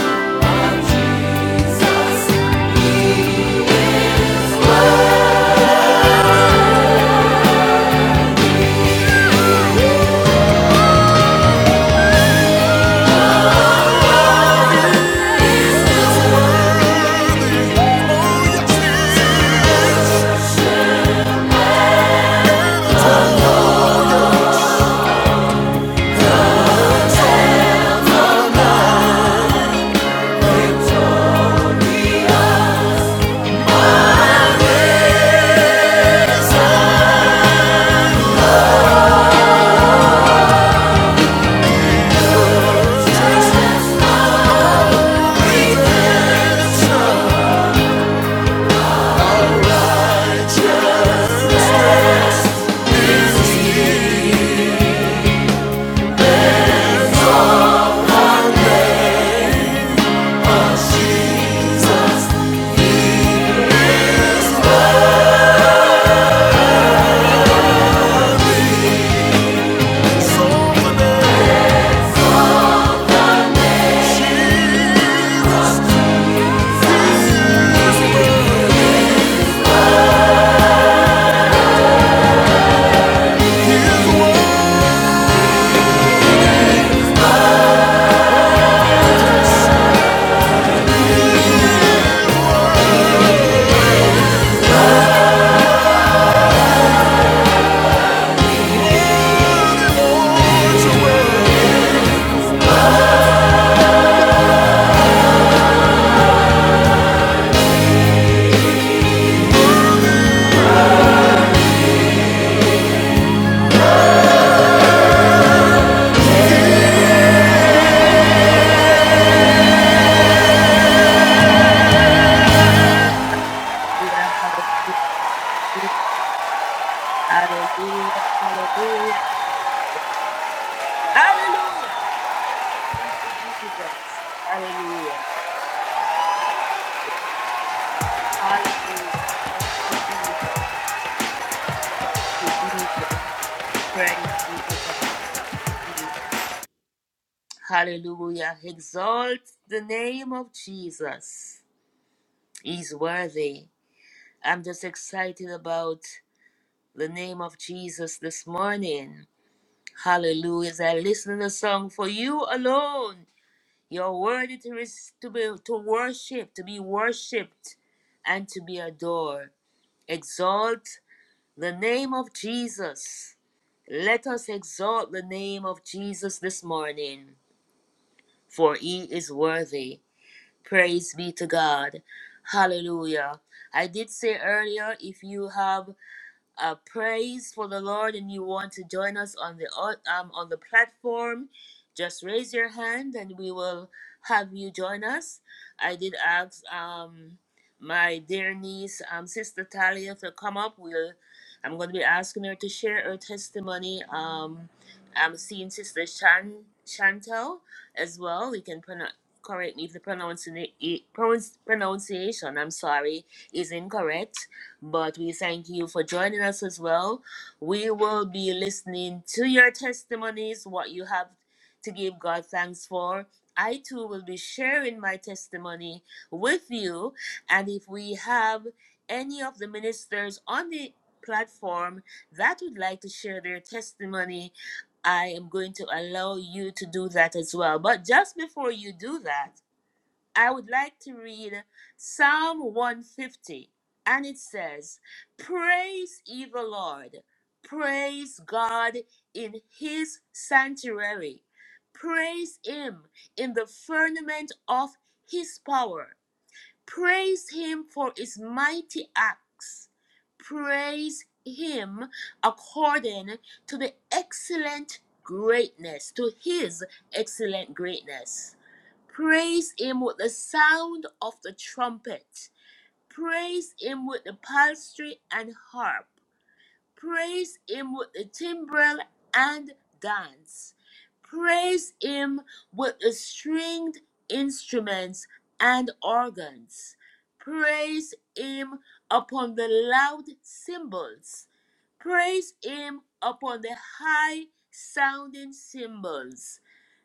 S2: Hallelujah. Hallelujah. Hallelujah. Hallelujah. Hallelujah. Hallelujah. Hallelujah. Hallelujah. Thank you, Jesus. Hallelujah. Hallelujah. Thank you, Jesus. Thank you, Jesus. Praise be to God. Thank you, Jesus. Hallelujah. Exalt the name of Jesus. He's worthy. I'm just excited about the name of Jesus this morning. Hallelujah. As I listen to the song, For You Alone. You're worthy to, res- to be to worship, to be worshipped, and to be adored. Exalt the name of Jesus. Let us exalt the name of Jesus this morning, for he is worthy. Praise be to God. Hallelujah. I did say earlier, if you have a praise for the Lord and you want to join us on the au- um, on the platform, just raise your hand and we will have you join us. I did ask um, my dear niece, um, Sister Talia, to come up. We'll I'm going to be asking her to share her testimony. Um, I'm seeing Sister Shan Chantel as well. You can pronounce. Correct me if the pronunciation pronunciation I'm sorry is incorrect. But we thank you for joining us as well. We will be listening to your testimonies, what you have to give God thanks for. I too will be sharing my testimony with you. And if we have any of the ministers on the platform that would like to share their testimony, I am going to allow you to do that as well. But just before you do that, I would like to read Psalm 150, and it says, Praise ye the Lord, praise God in his sanctuary, praise him in the firmament of his power, Praise him for his mighty acts. Praise him according to the excellent greatness, to his excellent greatness. Praise him with the sound of the trumpet. Praise him with the psaltery and harp. Praise him with the timbrel and dance. Praise him with the stringed instruments and organs. Praise him upon the loud cymbals. Praise him upon the high sounding cymbals.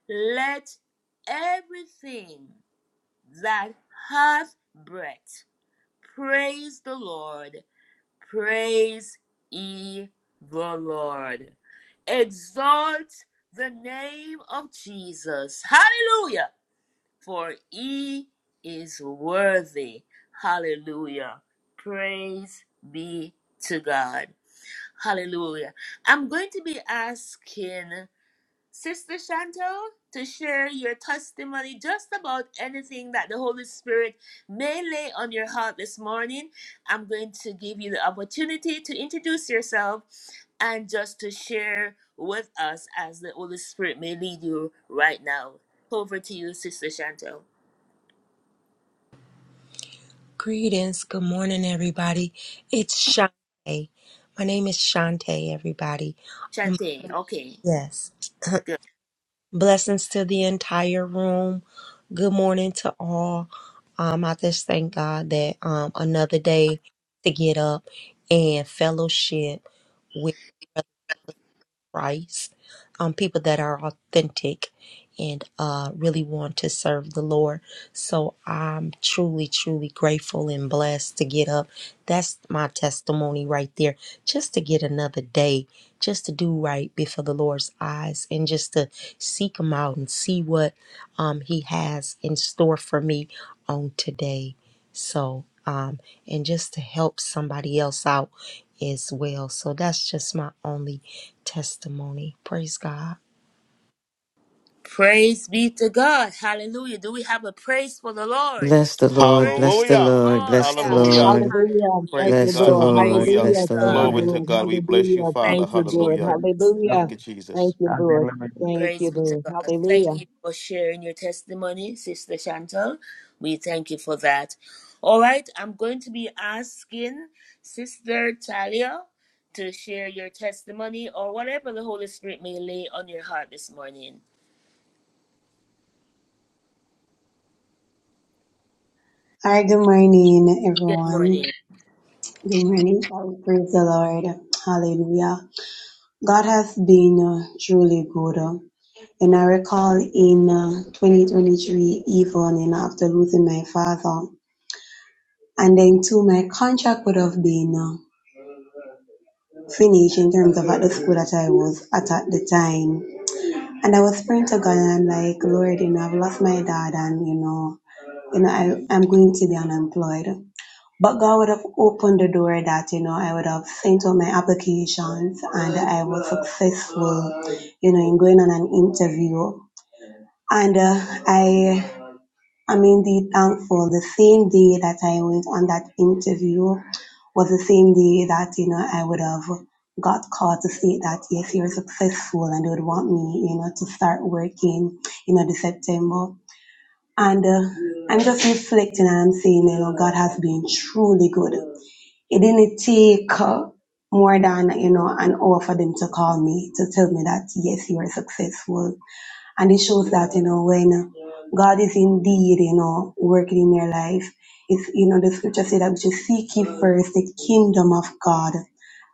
S2: Let everything that hath breath praise the Lord. Praise ye the Lord. Exalt the name of Jesus. Hallelujah. For he is worthy. Hallelujah. Praise be to God. Hallelujah. I'm going to be asking. Sister Chantel, to share your testimony just about anything that the Holy Spirit may lay on your heart this morning. I'm going to give you the opportunity to introduce yourself and just to share with us as the Holy Spirit may lead you right now. Over to you, Sister Chantel.
S10: Greetings. Good morning, everybody. It's Shante. My name is Shante, everybody. Um,
S2: Chante, okay,
S10: yes.
S2: good.
S10: Blessings to the entire room. Good morning to all. Um, I just thank God that um another day to get up and fellowship with. Christ, um, people that are authentic and uh, really want to serve the Lord. So I'm truly, truly grateful and blessed to get up. That's my testimony right there. Just to get another day, just to do right before the Lord's eyes and just to seek Him out and see what um, He has in store for me on today. So, um, and just to help somebody else out as well. So that's just my only testimony. Praise God.
S2: Praise be to God. Hallelujah. Do we have a praise for the Lord?
S6: Bless the Lord, bless
S2: Praise
S6: the
S2: the
S5: Hallelujah.
S6: Lord, bless
S2: Lord.
S6: the
S8: Yeah,
S5: Hallelujah.
S6: Lord,
S8: hallelujah.
S2: Hallelujah.
S8: Thank
S5: Praise
S8: you,
S6: bless the
S5: God.
S8: Lord.
S2: Praise
S6: Lord,
S2: be
S5: Hallelujah.
S2: to
S6: bless
S8: Hallelujah.
S6: the
S8: Thank
S7: Hallelujah.
S8: you,
S2: God.
S5: Glory
S6: Lord.
S5: to
S8: Lord.
S5: God. We bless you,
S8: Hallelujah.
S5: Father.
S8: Thank
S2: Thank you,
S8: you,
S2: Jesus.
S8: Lord.
S5: Hallelujah.
S7: Hallelujah.
S8: Hallelujah.
S5: Thank you,
S8: Thank
S5: Jesus.
S8: you, Lord.
S7: Hallelujah.
S8: Thank you,
S2: Praise be to
S8: Lord.
S2: God. Thank
S8: Hallelujah.
S2: you for sharing your testimony, Sister Chantal. We thank you for that. All right, I'm going to be asking Sister Talia to share your testimony or whatever the Holy Spirit may lay on your heart this morning.
S11: Hi, good morning,
S2: Good
S11: everyone.
S2: morning.
S11: Good morning, child. Praise the Lord. Hallelujah. God has been uh, truly good. uh, And I recall in uh, 2023, evening after losing my father, and then too, my contract would have been uh, finished in terms of at the school that I was at at the time. And I was praying to God, and I'm like, Lord, you know, I've lost my dad, and you know, you know, I, I'm going to be unemployed. But God would have opened the door that, you know, I would have sent out my applications and I was successful, you know, in going on an interview. And uh, I am indeed thankful. The same day that I went on that interview was the same day that, you know, I would have got called to say that, yes, you're successful and they would want me, you know, to start working, you know, this September. And uh, I'm just reflecting and I'm saying, you know, God has been truly good. It didn't take uh, more than you know an hour for them to call me to tell me that yes, you are successful, and it shows that you know when God is indeed you know working in your life. It's you know the scripture said that we should seek ye first the kingdom of God,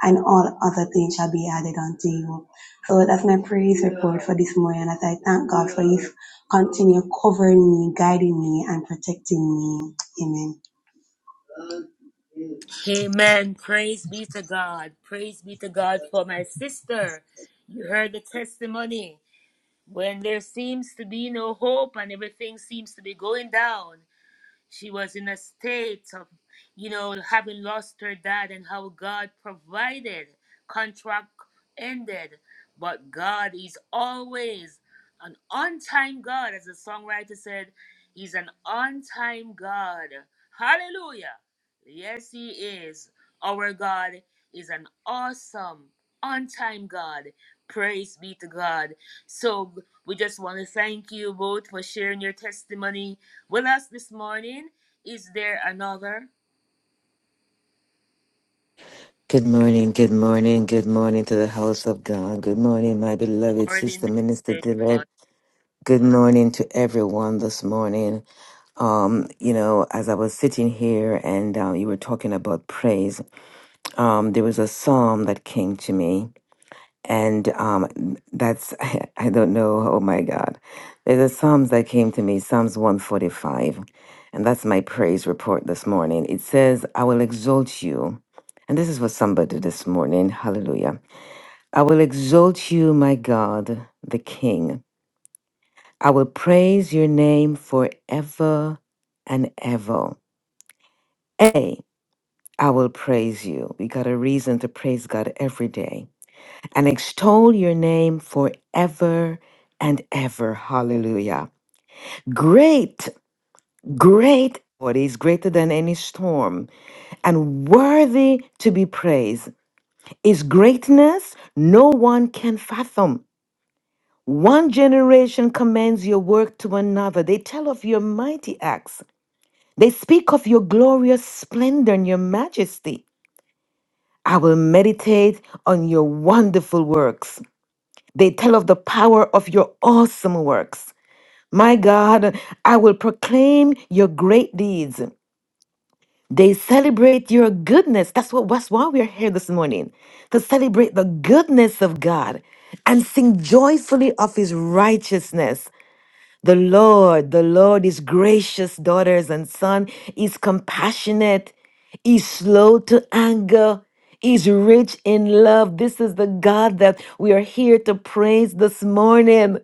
S11: and all other things shall be added unto you. So that's my praise report for this morning. As I thank God for His continue covering me, guiding me, and protecting me. Amen.
S2: Amen. Praise be to God. Praise be to God for my sister. You heard the testimony. When there seems to be no hope and everything seems to be going down, She was in a state of, you know, having lost her dad and how God provided. Contract ended. But God is always an on time God, as the songwriter said, He's an on time God. Hallelujah. Yes, He is. Our God is an awesome, on time God. Praise be to God. So we just want to thank you both for sharing your testimony with us this morning. Is there another
S6: Good morning, good morning, good morning to the house of God. Good morning, my beloved
S2: morning
S6: sister, Minister
S2: message? on-
S6: Dillard. Good morning to everyone this morning. Um, you know, as I was sitting here and um, you were talking about praise, um, there was a psalm that came to me and um that's i don't know oh my god there's a psalms that came to me psalms 145 and that's my praise report this morning it says i will exalt you and this is for somebody this morning hallelujah i will exalt you my god the king i will praise your name forever and ever hey i will praise you we got a reason to praise god every day and extol your name forever and ever. Hallelujah. Great, great. What is greater than any storm and worthy to be praised is greatness no one can fathom. One generation commends your work to another. They tell of your mighty acts. They speak of your glorious splendor and your majesty. I will meditate on your wonderful works. They tell of the power of your awesome works. My God, I will proclaim your great deeds. They celebrate your goodness. That's what that's why we are here this morning to celebrate the goodness of God and sing joyfully of his righteousness. The Lord, the Lord is gracious, daughters and son, is compassionate, is slow to anger, is rich in love. This is the God that we are here to praise this morning.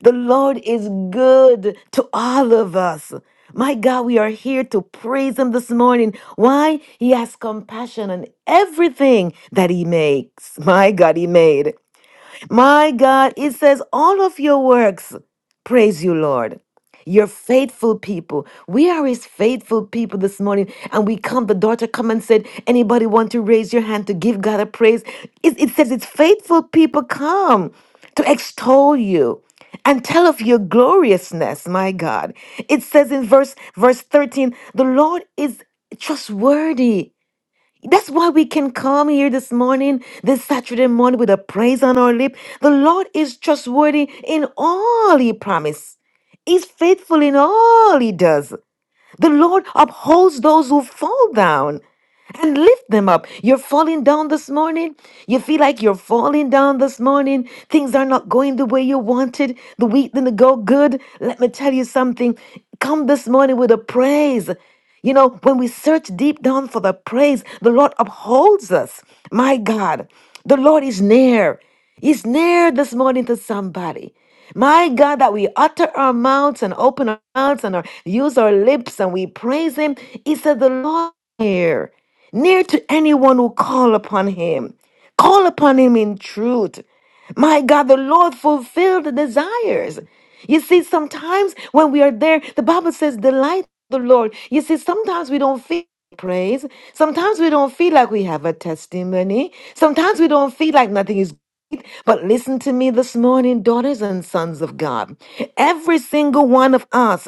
S6: The Lord is good to all of us. My God, we are here to praise him this morning. Why? He has compassion on everything that he makes. My God, he made. My God, it says, all of your works praise you, Lord. You're faithful people. We are his faithful people this morning. And we come, the daughter come and said, anybody want to raise your hand to give God a praise? It, it says it's faithful people come to extol you and tell of your gloriousness, my God. It says in verse verse 13, the Lord is trustworthy that's why we can come here this morning, this Saturday morning, with a praise on our lip. The Lord is trustworthy in all He promised. He's faithful in all He does. The Lord upholds those who fall down and lift them up. You're falling down this morning. You feel like you're falling down this morning. Things are not going the way you wanted. The week didn't go good. Let me tell you something. Come this morning with a praise. You know, when we search deep down for the praise, the Lord upholds us. My God, the Lord is near. He's near this morning to somebody. My God, that we utter our mouths and open our mouths and our, use our lips and we praise Him. He said, The Lord is near near to anyone who call upon him. Call upon him in truth. My God, the Lord fulfilled the desires. You see, sometimes when we are there, the Bible says, delight the Lord. You see, sometimes we don't feel like praise. Sometimes we don't feel like we have a testimony. Sometimes we don't feel like nothing is. But listen to me this morning, daughters and sons of God. Every single one of us,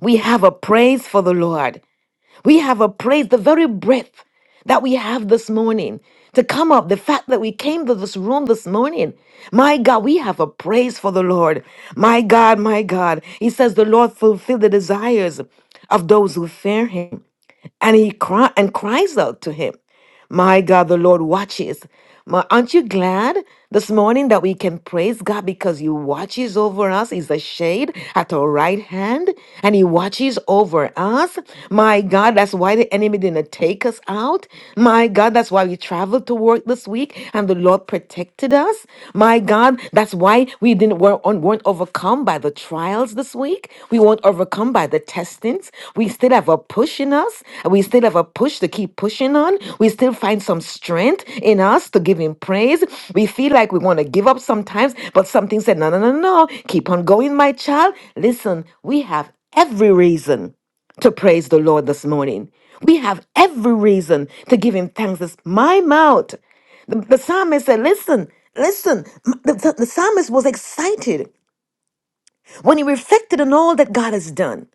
S6: we have a praise for the Lord. We have a praise, the very breath that we have this morning to come up, the fact that we came to this room this morning. My God, we have a praise for the Lord. My God, my God. He says, The Lord fulfill the desires of those who fear him. And he cry and cries out to him. My God, the Lord watches. My, aren't you glad this morning that we can praise God because He watches over us? He's a shade at our right hand and He watches over us. My God, that's why the enemy didn't take us out. My God, that's why we traveled to work this week and the Lord protected us. My God, that's why we didn't weren't, weren't overcome by the trials this week week. We won't overcome by the testings. We still have a push in us. We still have a push to keep pushing on. We still find some strength in us to give Him praise. We feel like we want to give up sometimes, but something said, no, no, no, no. Keep on going, my child. Listen, we have every reason to praise the Lord this morning. We have every reason to give him thanks. This my mouth. The, the psalmist said, Listen, listen. M- The, the- the psalmist was excited. When he reflected on all that God has done,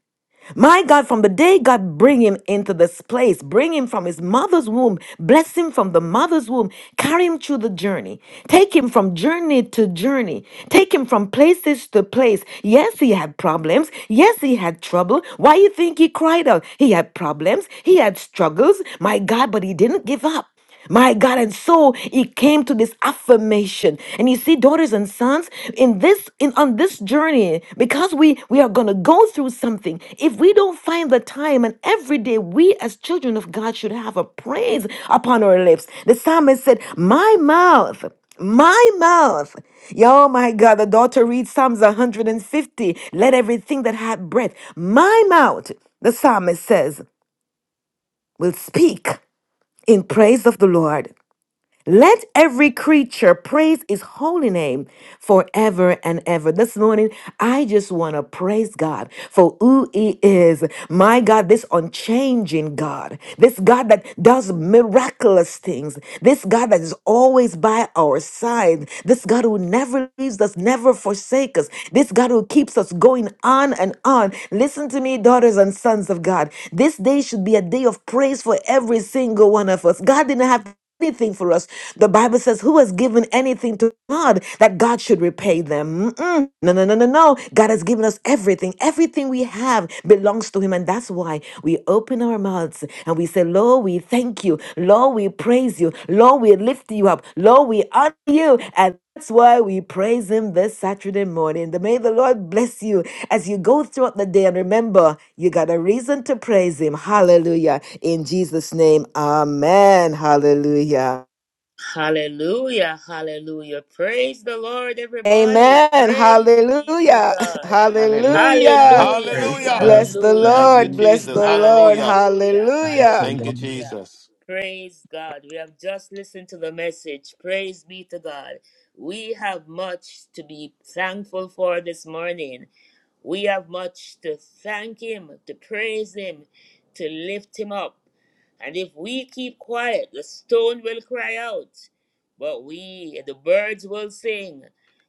S6: my God, from the day God bring him into this place, bring him from his mother's womb, bless him from the mother's womb, carry him through the journey, take him from journey to journey, take him from places to place. Yes, he had problems. Yes, he had trouble. Why you think he cried out? He had problems. He had struggles. My God, but he didn't give up. My God, and so he came to this affirmation. And you see, daughters and sons, in this in on this journey, because we we are gonna go through something, if we don't find the time and every day we as children of God should have a praise upon our lips. The psalmist said, My mouth, my mouth. Oh my God, the daughter reads Psalms 150. Let everything that hath breath, my mouth, the psalmist says, will speak in praise of the Lord. Let every creature praise his holy name forever and ever. This morning, I just want to praise God for who he is. My God, this unchanging God, this God that does miraculous things, this God that is always by our side, this God who never leaves us, never forsakes us, this God who keeps us going on and on. Listen to me, daughters and sons of God. This day should be a day of praise for every single one of us. God didn't have anything for us. The Bible says, Who has given anything to God that God should repay them? Mm-mm. No, no, no, no, no. God has given us everything. Everything we have belongs to Him. And that's why we open our mouths and we say, Lord, we thank you. Lord, we praise you. Lord, we lift you up. Lord, we honor you. And that's why we praise Him this Saturday morning. The- May the Lord bless you as you go throughout the day. And remember, you got a reason to praise Him. Hallelujah. In Jesus' name, Amen. Hallelujah.
S2: Hallelujah, hallelujah. Praise the Lord, everybody.
S6: Amen.
S2: Praise be to
S6: Hallelujah.
S2: God.
S6: Hallelujah.
S2: Hallelujah,
S7: Praise
S5: Hallelujah.
S6: Bless
S7: God.
S6: the
S2: hallelujah,
S5: Thank you,
S6: Lord.
S7: Hallelujah.
S6: Bless
S5: Jesus.
S6: the Lord.
S5: Hallelujah.
S2: hallelujah,
S7: Thank
S6: Hallelujah.
S7: you,
S5: Thank you,
S7: Lord.
S2: hallelujah.
S5: Jesus.
S2: Praise God. We have just listened to the message. Praise be to God. We have much to be thankful for this morning. We have much to thank him, to praise him, to lift him up. And if we keep quiet, the stone will cry out. But we, the birds will sing.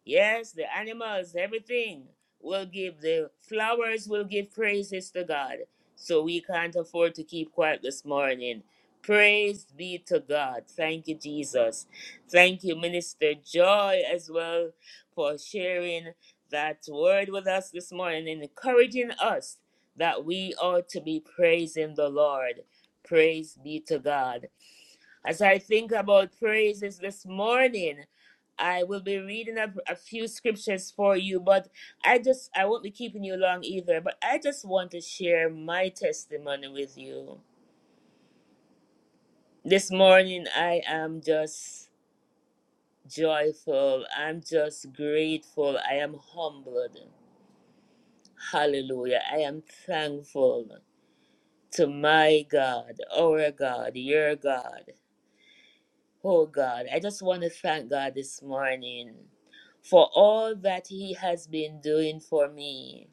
S2: Yes, the animals, everything will give, the flowers will give praises to God. So we can't afford to keep quiet this morning. Praise be to God. Thank you, Jesus. Thank you, Minister Joy, as well, for sharing that word with us this morning, encouraging us that we ought to be praising the Lord. Praise be to God. As I think about praises this morning, I will be reading a, a few scriptures for you, but I just, I won't be keeping you long either, but I just want to share my testimony with you. This morning, I am just joyful. I'm just grateful. I am humbled. Hallelujah. I am thankful. to my God, our God, your God. Oh God, I just want to thank God this morning for all that He has been doing for me.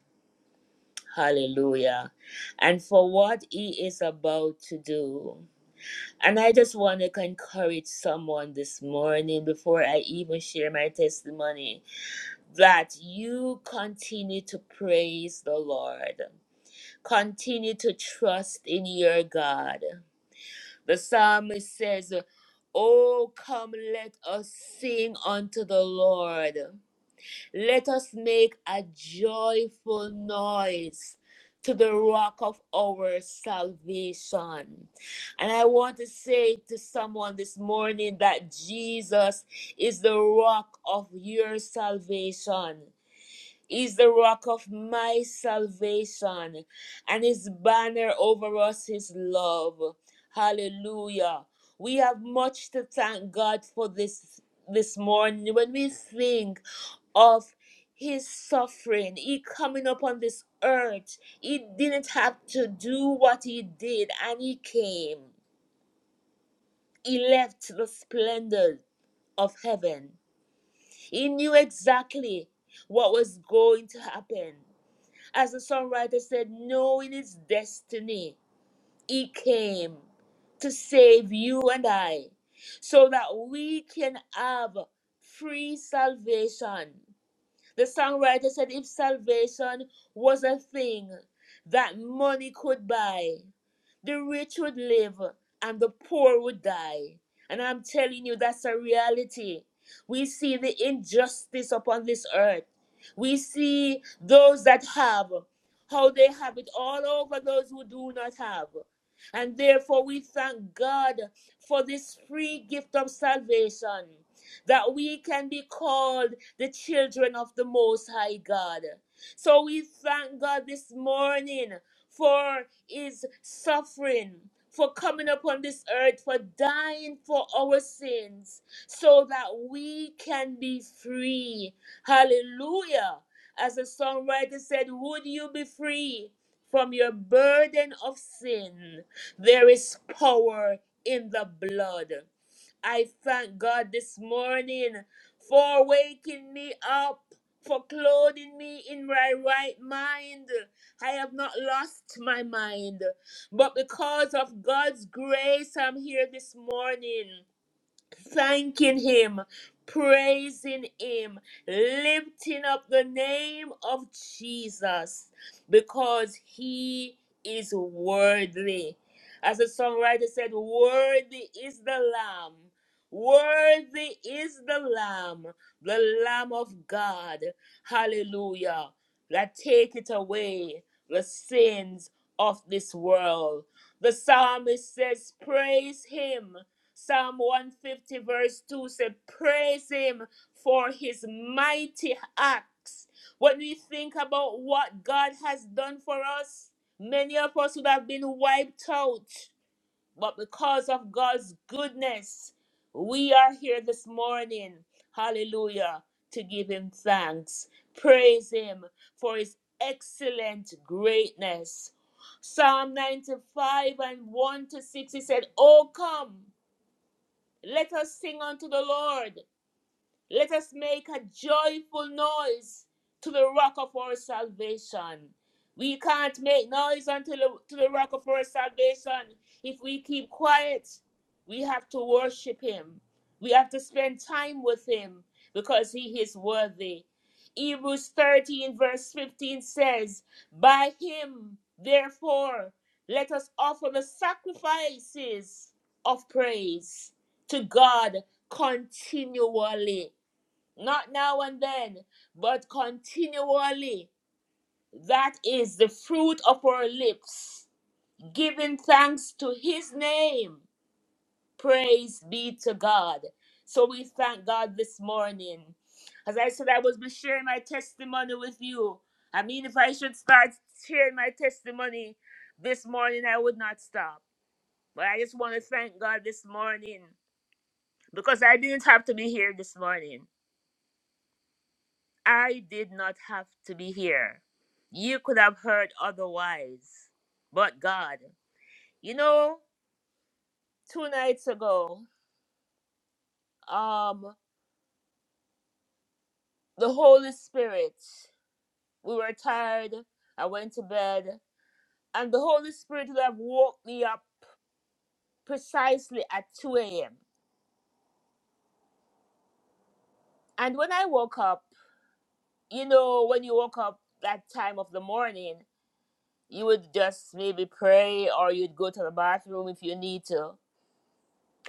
S2: Hallelujah. And for what He is about to do. And I just want to encourage someone this morning before I even share my testimony that you continue to praise the Lord, continue to trust in your God The psalmist says, Oh, come, let us sing unto the Lord. Let us make a joyful noise to the rock of our salvation. And I want to say to someone this morning that Jesus is the rock of your salvation. He's the rock of my salvation, and his banner over us is love. Hallelujah. We have much to thank God for this this morning when we think of his suffering, he coming upon this earth. He didn't have to do what he did, and he came. He left the splendor of heaven. He knew exactly what was going to happen as the songwriter said, knowing his destiny, he came to save you and I so that we can have free salvation the songwriter said if salvation was a thing that money could buy, the rich would live and the poor would die. And I'm telling you, that's a reality. We see the injustice upon this earth. We see those that have, how they have it all over those who do not have. And therefore, we thank God for this free gift of salvation that we can be called the children of the Most High God. So we thank God this morning for his suffering, for coming upon this earth, for dying for our sins, so that we can be free. Hallelujah. As the songwriter said, Would you be free from your burden of sin? There is power in the blood. I thank God this morning for waking me up, for clothing me in my right mind. I have not lost my mind, but because of God's grace, I'm here this morning thanking Him, praising Him, lifting up the name of Jesus because He is worthy. As the songwriter said, Worthy is the Lamb. Worthy is the Lamb, the Lamb of God. Hallelujah. That taketh away the sins of this world. The psalmist says, Praise him. Psalm 150, verse 2 said, Praise him for his mighty acts. When we think about what God has done for us, many of us would have been wiped out. But because of God's goodness, we are here this morning. Hallelujah. To give him thanks. Praise him for his excellent greatness. Psalm 95 and 1 to 6, he said, Oh, come. Let us sing unto the Lord. Let us make a joyful noise to the rock of our salvation. We can't make noise until the, to the rock of our salvation. If we keep quiet, we have to worship him. We have to spend time with him because he is worthy. Hebrews 13, verse 15 says, By him, therefore, let us offer the sacrifices of praise to God continually not now and then, but continually. That is the fruit of our lips, giving thanks to his name. Praise be to God. So we thank God this morning. As I said, I was be sharing my testimony with you. I mean, if I should start sharing my testimony this morning, I would not stop. But I just want to thank God this morning because I didn't have to be here this morning. I did not have to be here. You could have heard otherwise. But God, you know, two nights ago, um, the Holy Spirit, we were tired. I went to bed, and the Holy Spirit would have woke me up precisely at 2 a.m. And when I woke up, you know, when you woke up that time of the morning, you would just maybe pray or you'd go to the bathroom if you need to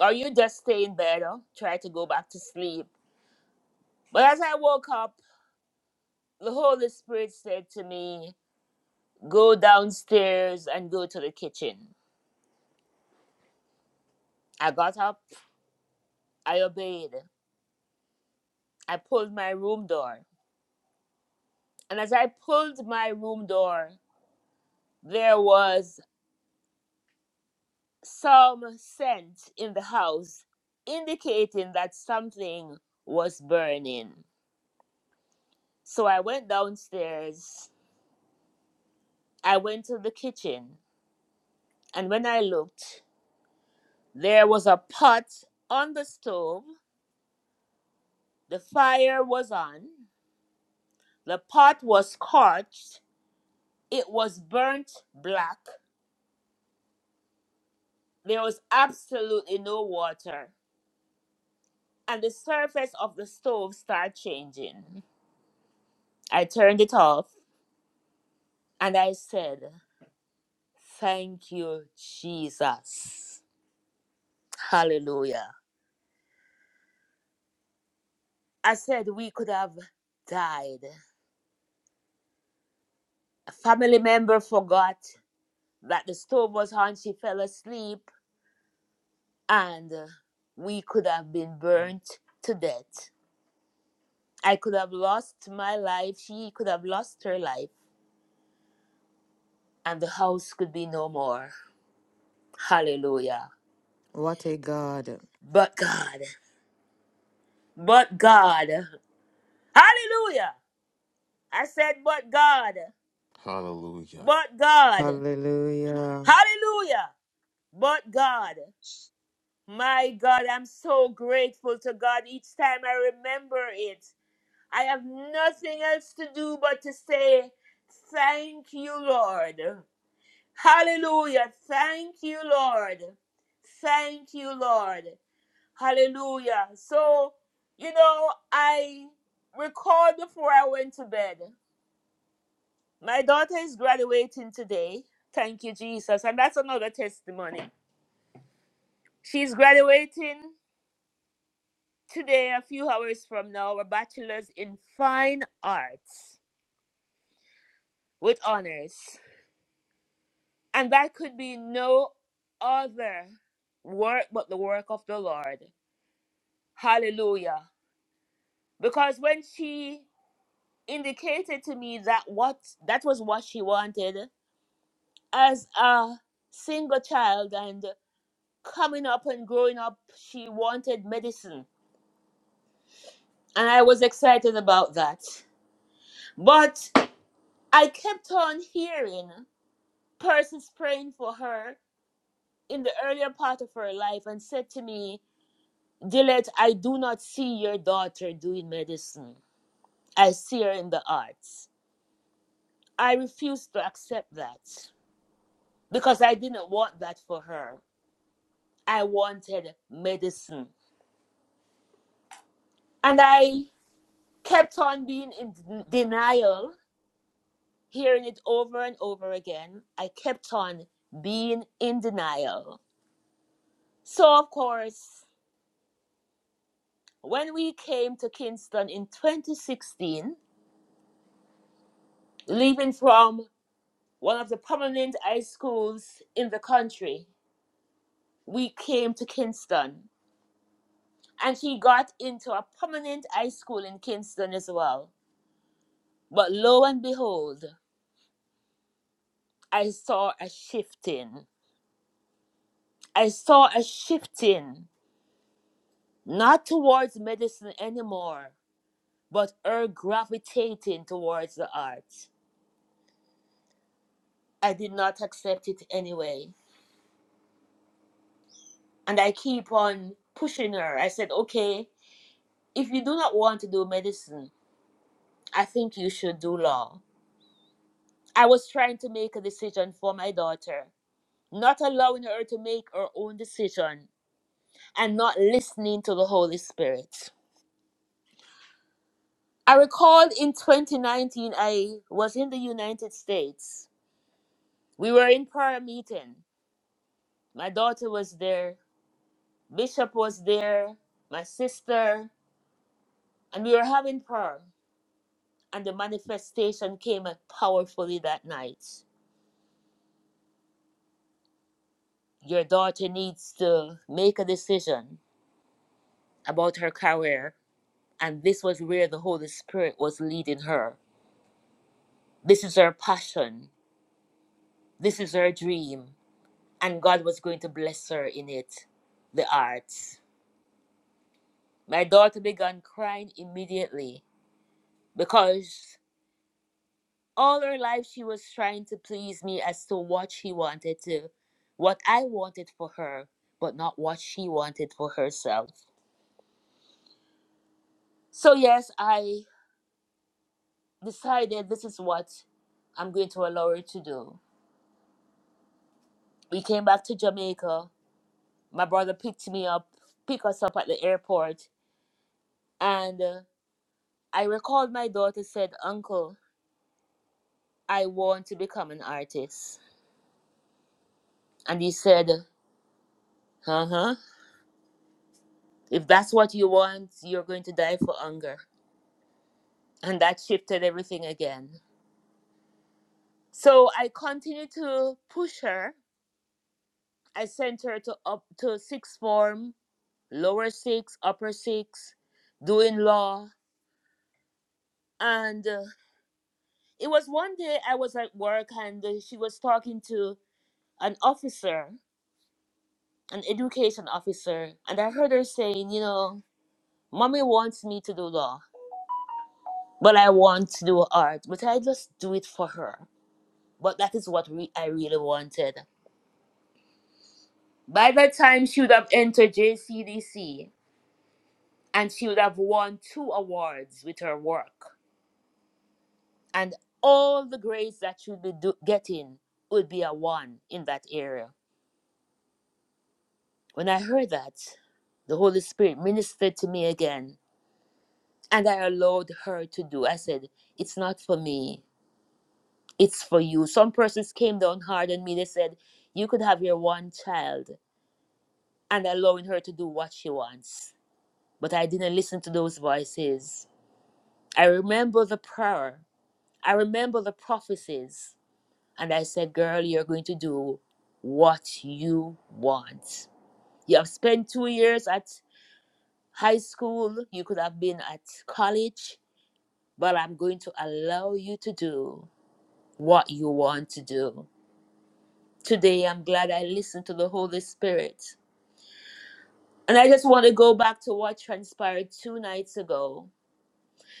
S2: or you just stay in bed or try to go back to sleep. But as I woke up, the Holy Spirit said to me, Go downstairs and go to the kitchen. I got up, I obeyed. I pulled my room door. And as I pulled my room door, there was some scent in the house indicating that something was burning. So I went downstairs, I went to the kitchen, and when I looked, There was a pot on the stove. The fire was on. The pot was scorched. It was burnt black. There was absolutely no water. And the surface of the stove started changing. I turned it off and I said, Thank you, Jesus. Hallelujah. I said, We could have died. A family member forgot that the stove was on. She fell asleep and uh, we could have been burnt to death. I could have lost my life, she could have lost her life, and the house could be no more. Hallelujah.
S6: What a God.
S2: But God, but God, hallelujah. I said, but God,
S5: Hallelujah.
S2: but God,
S6: Hallelujah.
S2: hallelujah, but God. My God, I'm so grateful to God each time I remember it. I have nothing else to do but to say, Thank you, Lord. Hallelujah. Thank you, Lord. Thank you, Lord. Hallelujah. So, you know, I recalled before I went to bed. My daughter is graduating today. Thank you, Jesus. And that's another testimony. She's graduating today, a few hours from now, a bachelor's in fine arts with honors. And that could be no other work but the work of the Lord. Hallelujah. Because when she indicated to me that what that was what she wanted as a single child and coming up and growing up she wanted medicine and I was excited about that. But I kept on hearing persons praying for her in the earlier part of her life and said to me Gillette, I do not see your daughter doing medicine. I see her in the arts. I refuse to accept that because I didn't want that for her. I wanted medicine. And I kept on being in denial, hearing it over and over again. I kept on being in denial. So, of course, when we came to Kingston in 2016, leaving from one of the prominent high schools in the country. We came to Kingston, and she got into a prominent high school in Kingston as well. But lo and behold, I saw a shifting. I saw a shifting, not towards medicine anymore, but her gravitating towards the arts. I did not accept it anyway. And I keep on pushing her. I said, okay, if you do not want to do medicine, I think you should do law. I was trying to make a decision for my daughter, not allowing her to make her own decision and not listening to the Holy Spirit. I recall in 2019, I was in the United States. We were in prayer meeting. My daughter was there, Bishop was there, my sister, and we were having prayer. And the manifestation came out powerfully that night. Your daughter needs to make a decision about her career, and this was where the Holy Spirit was leading her. This is her passion, this is her dream, and God was going to bless her in it the arts. My daughter began crying immediately because all her life she was trying to please me as to what she wanted to, what I wanted for her, but not what she wanted for herself. So, yes, I decided this is what I'm going to allow her to do. we came back to Jamaica. My brother picked me up, picked us up at the airport, and uh, I recalled my daughter said, "Uncle, I want to become an artist," and he said, "Uh huh. If that's what you want, you're going to die for hunger," and that shifted everything again. So I continued to push her. I sent her to up to sixth form, lower six, upper six, doing law, and uh, it was one day I was at work and uh, she was talking to an officer, an education officer, and I heard her saying, you know, mommy wants me to do law, but I want to do art, but I just do it for her. But that is what re- I really wanted. By that time, she would have entered JCDC and she would have won two awards with her work. And all the grades that she would be do- getting would be a one in that area. When I heard that, the Holy Spirit ministered to me again, and I allowed her to do. I said, It's not for me, it's for you. Some persons came down hard on me. They said, You could have your one child, and allowing her to do what she wants. But I didn't listen to those voices. I remember the prayer, I remember the prophecies, and I said, Girl, you're going to do what you want. You have spent two years at high school, you could have been at college, but I'm going to allow you to do what you want to do. Today, I'm glad I listened to the Holy Spirit. And I just want to go back to what transpired two nights ago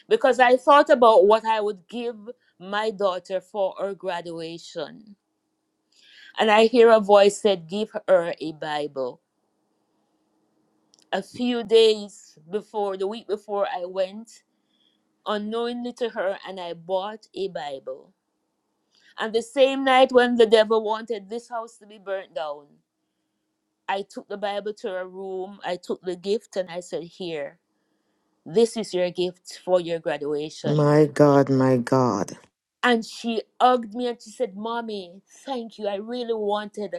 S2: because I thought about what I would give my daughter for her graduation. And I hear a voice said, Give her a Bible. A few days before, the week before I went, unknowingly to her, and I bought a Bible And the same night when the devil wanted this house to be burnt down, I took the Bible to her room, I took the gift, and I said, Here, this is your gift for your graduation.
S6: My God, my God.
S2: And she hugged me and she said, Mommy, thank you. I really wanted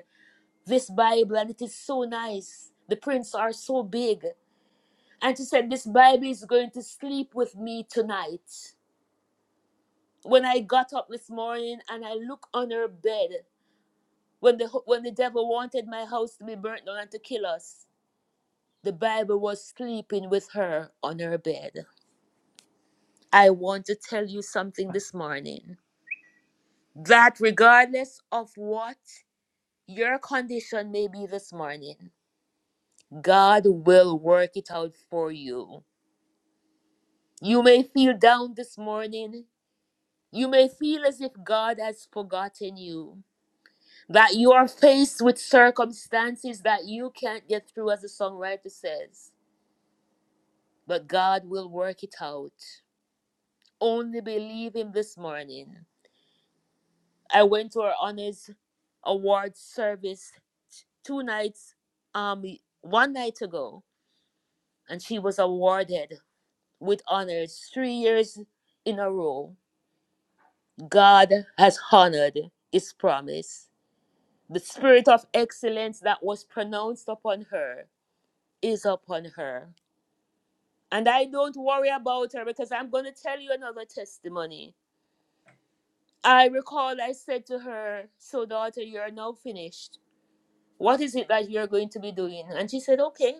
S2: this Bible, and it is so nice. The prints are so big. And she said, This Bible is going to sleep with me tonight. When I got up this morning and I look on her bed, When the, when the devil wanted my house to be burnt down and to kill us, the Bible was sleeping with her on her bed. I want to tell you something this morning that regardless of what your condition may be this morning, God will work it out for you. You may feel down this morning. You may feel as if God has forgotten you, that you are faced with circumstances that you can't get through, as the songwriter says. but God will work it out. Only believe Him this morning. I went to our honors award service two nights, um, one night ago, and she was awarded with honors three years in a row. God has honored His promise. The spirit of excellence that was pronounced upon her is upon her. And I don't worry about her because I'm going to tell you another testimony I recall I said to her, So, daughter, you are now finished. What is it that you're going to be doing? And she said, Okay.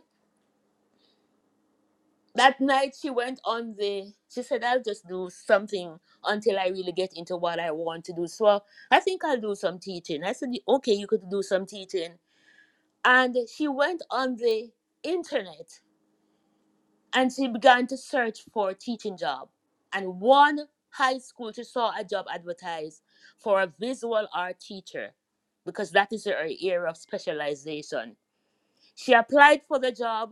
S2: That night she went on the, she said, I'll just do something until I really get into what I want to do. So I think I'll do some teaching. I said, Okay, you could do some teaching. And she went on the internet and she began to search for a teaching job. And one high school, she saw a job advertised for a visual art teacher because that is her area of specialization. She applied for the job.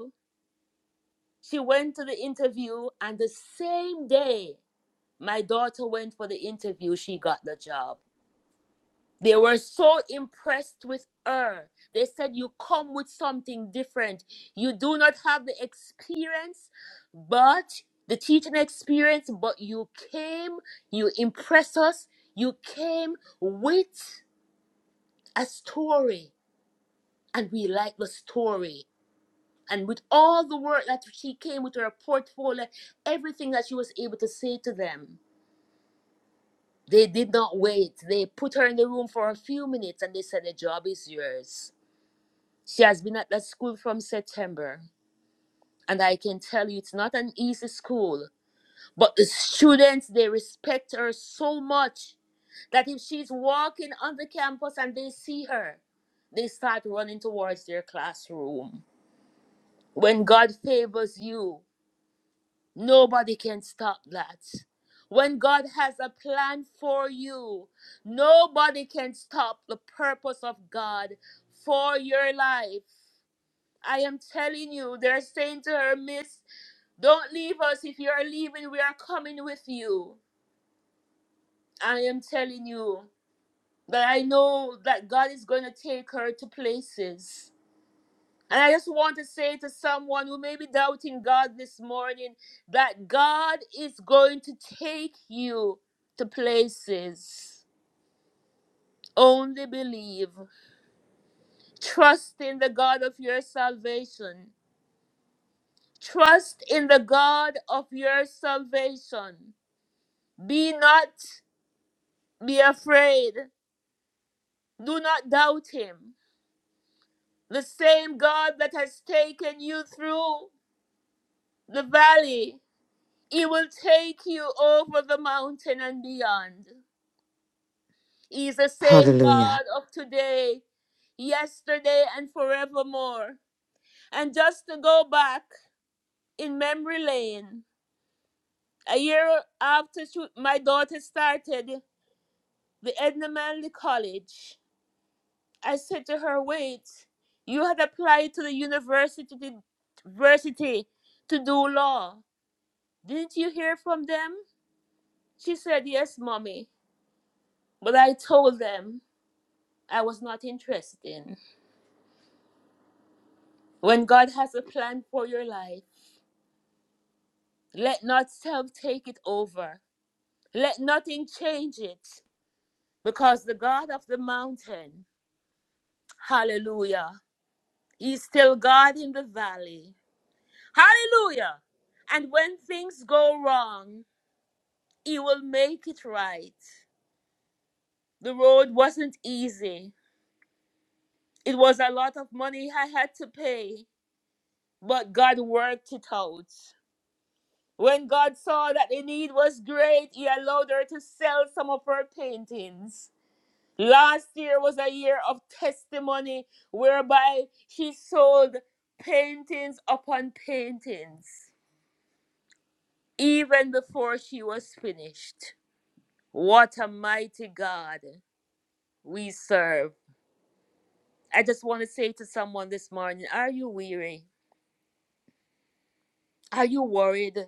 S2: She went to the interview, and the same day my daughter went for the interview, she got the job. They were so impressed with her. They said, You come with something different. You do not have the experience, but the teaching experience, but you came, you impress us. You came with a story, and we like the story. And with all the work that she came with her portfolio, everything that she was able to say to them, they did not wait. They put her in the room for a few minutes and they said, The job is yours She has been at that school from September, and I can tell you it's not an easy school, but the students they respect her so much that if she's walking on the campus and they see her, they start running towards their classroom. When God favors you, nobody can stop that. When God has a plan for you, nobody can stop the purpose of God for your life. I am telling you, they're saying to her, Miss, don't leave us. If you are leaving, we are coming with you. I am telling you that I know that God is going to take her to places. And I just want to say to someone who may be doubting God this morning that God is going to take you to places. Only believe. Trust in the God of your salvation. Trust in the God of your salvation. Be not be afraid. Do not doubt him. The same God that has taken you through the valley, he will take you over the mountain and beyond. He is the same
S6: Hallelujah.
S2: God of today, yesterday, and forevermore. And just to go back in memory lane, a year after she- my daughter started the Edna Manley College, I said to her, wait, you had applied to the university to, university to do law. Didn't you hear from them? She said, yes, mommy. But I told them I was not interested in. When God has a plan for your life, let not self take it over. Let nothing change it. Because the God of the mountain, hallelujah, He's still God in the valley. Hallelujah. And when things go wrong, He will make it right. The road wasn't easy. It was a lot of money I had to pay, but God worked it out. When God saw that the need was great, He allowed her to sell some of her paintings. Last year was a year of testimony whereby she sold paintings upon paintings, even before she was finished. What a mighty God we serve. I just want to say to someone this morning Are you weary? Are you worried?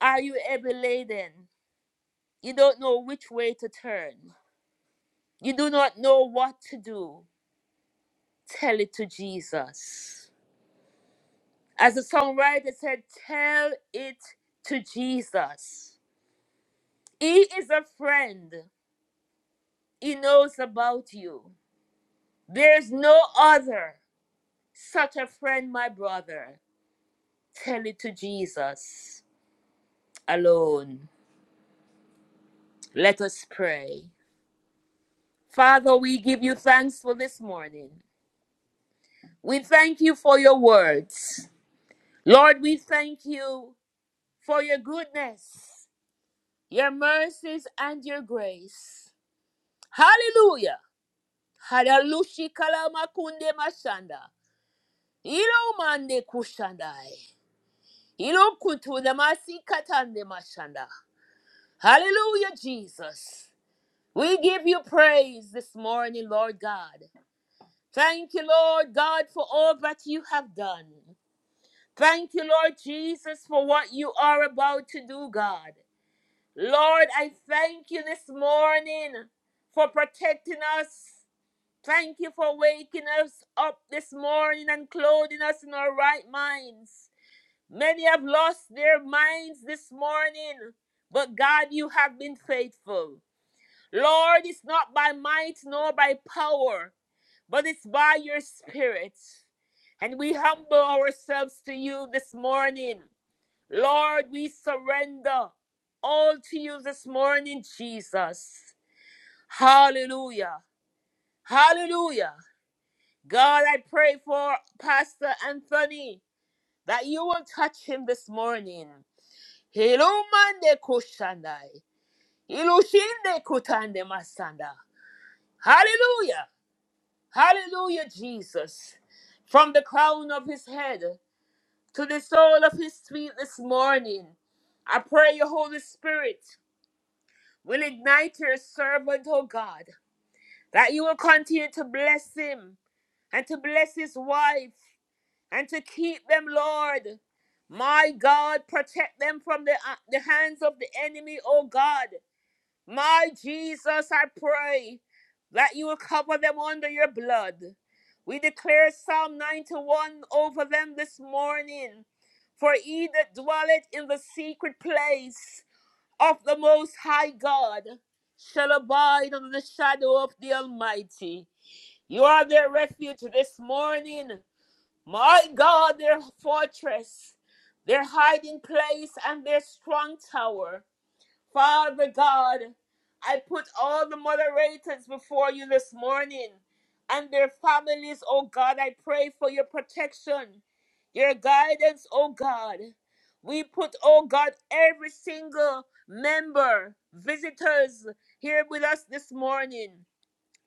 S2: Are you heavy laden? You don't know which way to turn. You do not know what to do. Tell it to Jesus. As the songwriter said, Tell it to Jesus. He is a friend, He knows about you. There's no other such a friend, my brother. Tell it to Jesus alone. Let us pray. Father, we give you thanks for this morning. We thank you for your words. Lord, we thank you for your goodness, your mercies, and your grace. Hallelujah. Hadalushi kalamakunde mashanda. Ilo mande kushandai. Ilo kutu damasi katande mashanda. Hallelujah, Jesus. We give you praise this morning, Lord God. Thank you, Lord God, for all that you have done. Thank you, Lord Jesus, for what you are about to do, God. Lord, I thank you this morning for protecting us. Thank you for waking us up this morning and clothing us in our right minds. Many have lost their minds this morning, but God, you have been faithful. Lord, it's not by might nor by power, but it's by your spirit. And we humble ourselves to you this morning. Lord, we surrender all to you this morning, Jesus. Hallelujah. Hallelujah. God, I pray for Pastor Anthony that you will touch him this morning. Hilumande kushandai. Ilushinde kutande masanda. Hallelujah. Hallelujah, Jesus. From the crown of his head to the sole of his feet this morning, I pray your Holy Spirit. will ignite your servant, O God, that you will continue to bless him and to bless his wife and to keep them, Lord. My God, protect them from the, uh, the hands of the enemy, O God. My Jesus, I pray that you will cover them under your blood. We declare Psalm 91 over them this morning. For he that dwelleth in the secret place of the Most High God shall abide under the shadow of the Almighty. You are their refuge this morning. My God, their fortress, their hiding place, and their strong tower. Father God, I put all the moderators before you this morning and their families, oh God. I pray for your protection, your guidance, oh God. We put, oh God, every single member, visitors here with us this morning.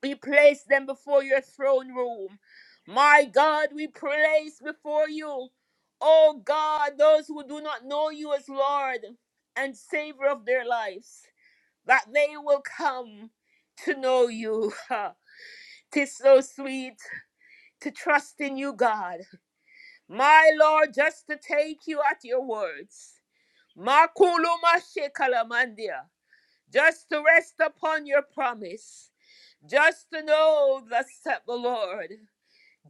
S2: We place them before your throne room. My God, we place before you, oh God, those who do not know you as Lord and Savior of their lives, that they will come to know you. Tis so sweet to trust in you, God. My Lord, just to take you at your words. Makuluma shekalamandia. Just to rest upon your promise. Just to know thus said the Lord.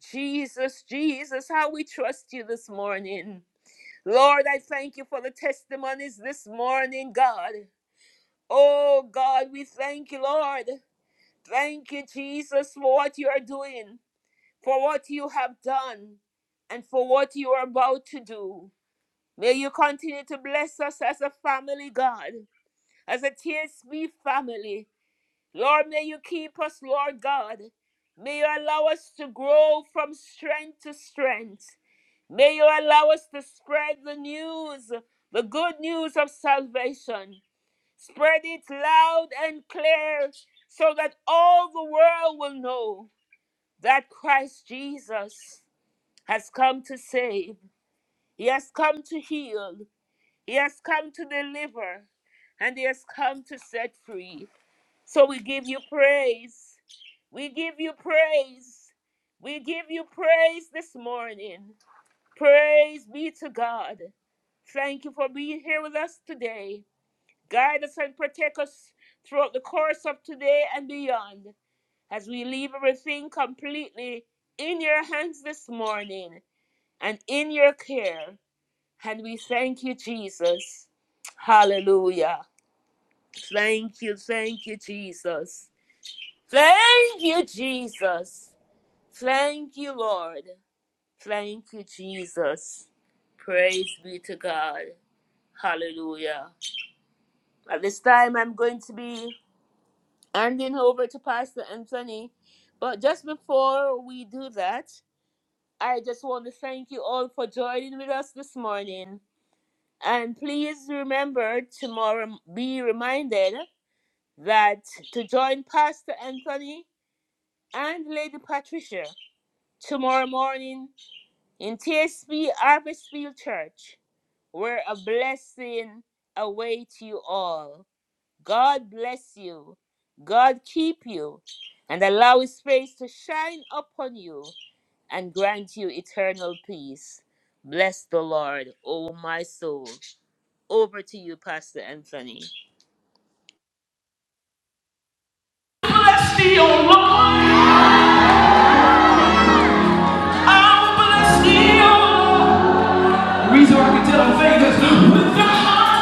S2: Jesus, Jesus, how we trust you this morning. Lord, I thank you for the testimonies this morning, God. Oh, God, we thank you, Lord. Thank you, Jesus, for what you are doing, for what you have done, and for what you are about to do. May you continue to bless us as a family, God, as a TSB family. Lord, may you keep us, Lord God. May you allow us to grow from strength to strength. May you allow us to spread the news, the good news of salvation. Spread it loud and clear so that all the world will know that Christ Jesus has come to save, He has come to heal, He has come to deliver, and He has come to set free. So we give you praise. We give you praise. We give you praise this morning. Praise be to God. Thank you for being here with us today. Guide us and protect us throughout the course of today and beyond as we leave everything completely in your hands this morning and in your care. And we thank you, Jesus. Hallelujah. Thank you, thank you, Jesus. Thank you, Jesus. Thank you, Lord. Thank you, Jesus. Praise be to God. Hallelujah. At this time, I'm going to be handing over to Pastor Anthony. But just before we do that, I just want to thank you all for joining with us this morning. And please remember tomorrow, be reminded that to join Pastor Anthony and Lady Patricia tomorrow morning in TSB Harvestfield Church, where a blessing awaits you all. God bless you. God keep you and allow his face to shine upon you and grant you eternal peace. Bless the Lord, O my soul. Over to you, Pastor Anthony.
S1: Bless thee, O Lord. I will bless thee, O Lord. The reason why I can tell I'm famous with the heart.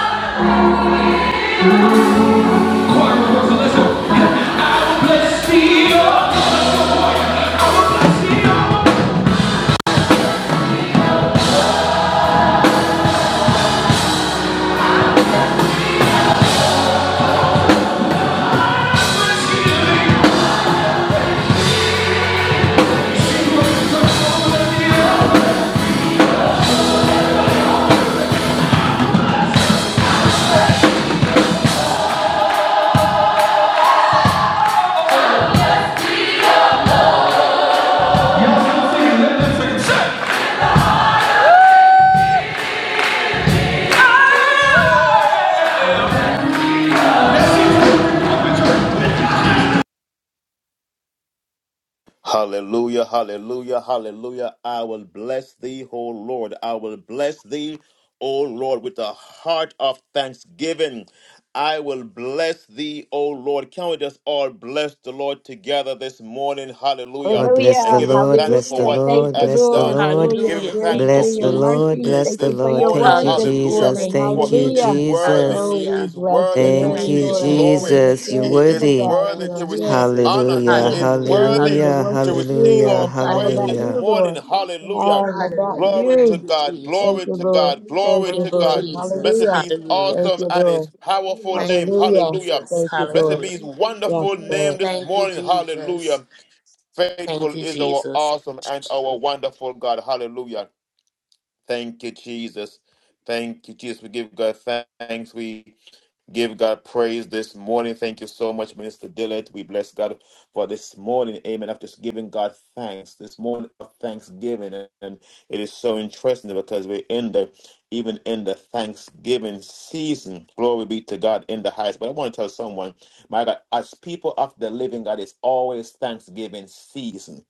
S5: Hallelujah, hallelujah, hallelujah. I will bless thee, O Lord. I will bless thee, O Lord, with a heart of thanksgiving. I will bless thee, O Lord. Can we just all bless the Lord together this morning?
S6: Oh,
S5: Hallelujah.
S6: bless
S5: And
S6: the
S8: Hallelujah.
S5: give him
S6: Lord,
S5: thanks
S6: bless
S5: for
S6: the
S8: Hallelujah.
S5: what he
S8: Thank
S6: Lord,
S8: you,
S5: has
S6: bless the
S8: Lord,
S5: done.
S8: for
S6: Lord,
S5: Give
S8: your
S5: him
S2: Hallelujah.
S8: grace
S5: thanks
S2: Thank you,
S5: for
S8: and
S6: bless
S8: your
S6: the
S5: who
S2: Jesus.
S5: he
S6: Lord,
S8: mercy.
S5: is
S6: bless
S8: Thank
S6: the
S8: you
S5: this
S8: for
S6: Lord.
S8: your
S5: morning.
S6: Thank
S8: word
S6: you,
S8: this
S2: Hallelujah.
S5: Hallelujah.
S6: Jesus.
S8: morning.
S2: Thank you,
S5: For
S6: Thank
S5: he
S6: you,
S5: is
S8: Hallelujah.
S2: Jesus.
S5: worthy.
S6: Jesus.
S8: Oh,
S5: He
S8: we
S2: Hallelujah.
S5: is
S8: bless your
S5: worthy to
S6: Thank
S8: name,
S2: Thank
S6: you,
S2: you,
S5: receive
S8: Lord, in
S5: glory.
S8: the
S2: Jesus.
S6: Jesus. You're
S8: good
S5: He
S8: and
S5: is
S8: the
S6: worthy.
S8: bad.
S5: worthy
S8: We
S2: Thank
S8: are
S5: to
S2: you,
S8: here.
S5: receive
S2: Jesus.
S9: make
S5: honor. He
S6: Hallelujah,
S8: Lord, to
S5: is
S2: Hallelujah.
S8: praise
S5: worthy
S8: you, to
S6: hallelujah,
S2: Hallelujah.
S5: to
S8: worship
S5: receive
S6: hallelujah,
S8: you.
S5: our
S8: It's all
S5: praise
S8: about
S5: this
S6: hallelujah.
S8: you,
S2: Hallelujah.
S5: morning.
S8: Lord.
S5: Hallelujah.
S8: All about
S2: Hallelujah.
S5: Glory
S8: you.
S5: to
S2: Thank you,
S5: God.
S2: Jesus.
S8: Thank
S5: Glory
S8: you,
S5: to
S8: Lord.
S5: God.
S8: Thank
S5: Glory
S8: you,
S5: to
S2: Thank you,
S8: Lord.
S5: God.
S2: Jesus.
S5: Blessed be
S8: Hallelujah.
S5: his
S2: Hallelujah.
S8: Thank
S5: awesome
S8: you,
S5: and his
S8: Lord.
S5: powerful
S2: Thank
S5: name.
S2: you,
S8: Hallelujah.
S5: Hallelujah.
S2: Jesus.
S8: Thank you,
S5: Blessed
S8: Lord.
S5: be
S2: Hallelujah.
S5: his
S9: you
S8: Yes,
S5: wonderful
S9: mine.
S5: name
S8: Lord.
S5: this
S2: Thank you,
S5: morning.
S2: Jesus.
S5: Hallelujah. Faithful
S2: Thank you,
S5: is our
S2: Jesus.
S5: awesome and our wonderful God. Hallelujah. Thank you, Jesus. Thank you, Jesus. We give God thanks. We give God praise this morning. Thank you so much, Minister Dillard. We bless God for this morning. Amen. After giving God thanks, this morning of thanksgiving. And it is so interesting because we're in the even in the Thanksgiving season. Glory be to God in the highest. But I want to tell someone, my God, as people of the living God, it's always Thanksgiving season.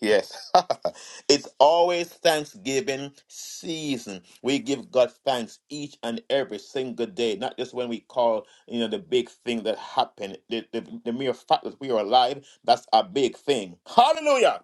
S5: Yes. it's always Thanksgiving season. We give God thanks each and every single day, not just when we call, you know, the big thing that happened. The, the, the mere fact that we are alive, that's a big thing. Hallelujah.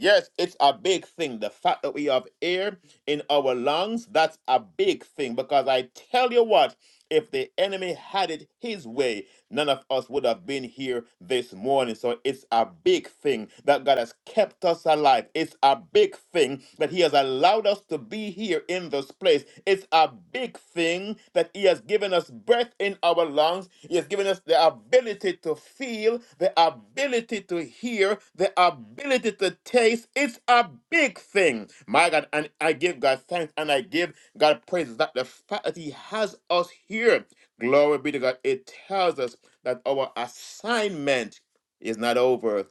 S5: Yes, it's a big thing. The fact that we have air in our lungs, that's a big thing because I tell you what, if the enemy had it his way, none of us would have been here this morning. So it's a big thing that God has kept us alive. It's a big thing that He has allowed us to be here in this place. It's a big thing that He has given us breath in our lungs. He has given us the ability to feel, the ability to hear, the ability to taste. It's a big thing. My God, and I give God thanks and I give God praise that the fact that He has us here. Glory be to God. It tells us that our assignment is not over.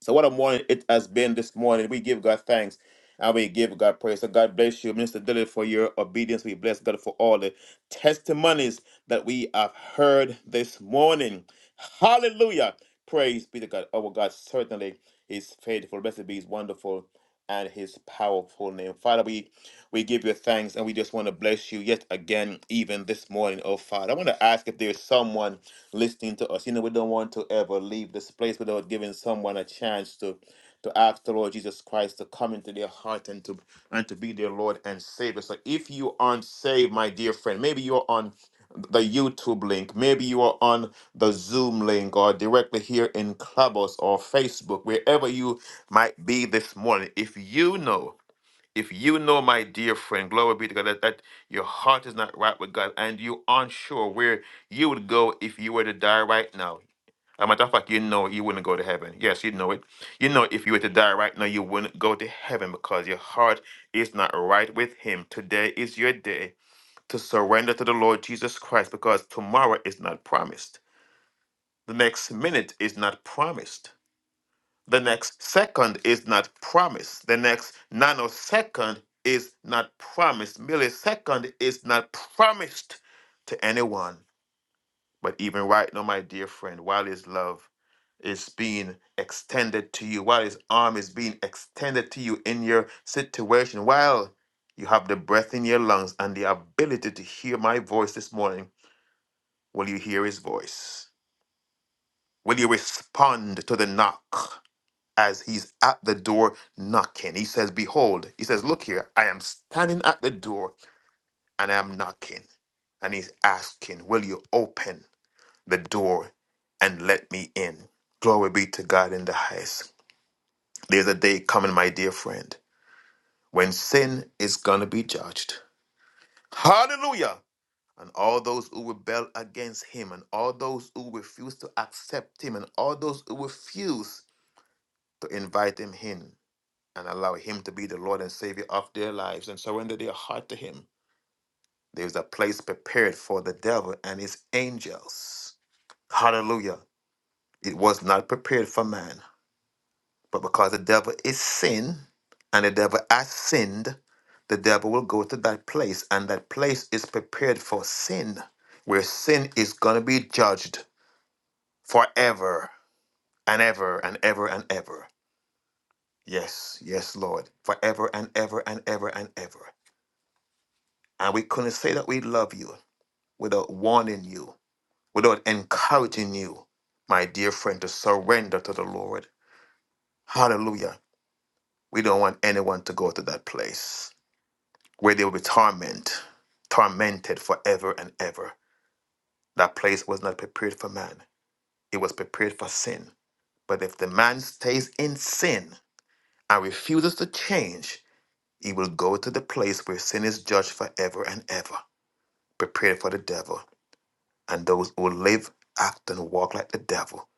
S5: So what a morning it has been this morning. We give God thanks and we give God praise. So God bless you, Minister Dillard, for your obedience. We bless God for all the testimonies that we have heard this morning. Hallelujah. Praise be to God. Our God certainly is faithful. Blessed be his wonderful and his powerful name. Father, we we give you thanks and we just want to bless you yet again, even this morning, oh Father. I want to ask if there's someone listening to us. You know, we don't want to ever leave this place without giving someone a chance to to ask the Lord Jesus Christ to come into their heart and to and to be their Lord and Savior. So if you aren't saved, my dear friend, maybe you're on the YouTube link, maybe you are on the Zoom link or directly here in Clubhouse or Facebook, wherever you might be this morning. If you know if you know, my dear friend, glory be to God, that, that your heart is not right with God and you aren't sure where you would go if you were to die right now. As a matter of fact, you know you wouldn't go to heaven. Yes, you know it. You know if you were to die right now, you wouldn't go to heaven because your heart is not right with Him. Today is your day to surrender to the Lord Jesus Christ because tomorrow is not, the next minute is not promised. The next second is not promised. The next nanosecond is not promised. Millisecond is not promised to anyone. But even right now, my dear friend, while his love is being extended to you, while his arm is being extended to you in your situation, while you have the breath in your lungs and the ability to hear my voice this morning, will you hear his voice? Will you respond to the knock? as he's at the door knocking. He says, Behold, he says, Look here, I am standing at the door and I am knocking. And he's asking, Will you open the door and let me in? Glory be to God in the highest. There's a day coming, my dear friend, when sin is going to be judged. Hallelujah! And all those who rebel against him, and all those who refuse to accept him, and all those who refuse to invite him in and allow Him to be the Lord and Savior of their lives and surrender their heart to Him. There's a place prepared for the devil and his angels. Hallelujah. It was not prepared for man, but because the devil is sin and the devil has sinned, the devil will go to that place, and that place is prepared for sin, where sin is going to be judged forever and ever and ever and ever. Yes, yes, Lord, forever and ever and ever and ever. And we couldn't say that we love you without warning you, without encouraging you, my dear friend, to surrender to the Lord. Hallelujah. We don't want anyone to go to that place where they will be torment, tormented forever and ever. That place was not prepared for man, it was prepared for sin. But if the man stays in sin and refuses to change, he will go to the place where sin is judged forever and ever, prepared for the devil. and those who live, act, and walk like the devil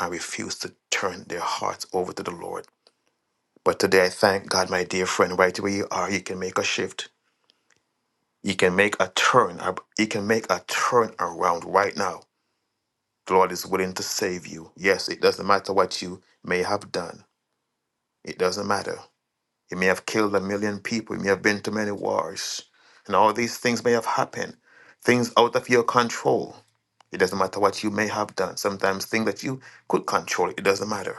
S5: and refuse to turn their hearts over to the Lord. But today I thank God, my dear friend, right where you are, you can make a shift. You can make a turn. ab- You can make a turn around right now. The Lord is willing to save you. Yes, it doesn't matter what you may have done. It doesn't matter. You may have killed a million people. You may have been to many wars. And all these things may have happened. Things out of your control. It doesn't matter what you may have done. Sometimes things that you could control, it doesn't matter.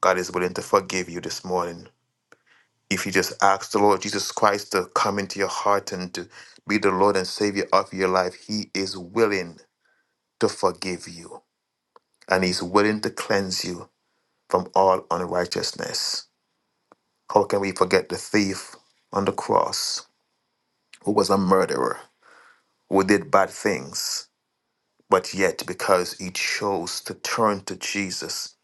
S5: God is willing to forgive you this morning. If you just ask the Lord Jesus Christ to come into your heart and to be the Lord and Savior of your life, He is willing to forgive you. And He's willing to cleanse you from all unrighteousness. How can we forget the thief on the cross? who was a murderer, who did bad things, but yet because he chose to turn to Jesus,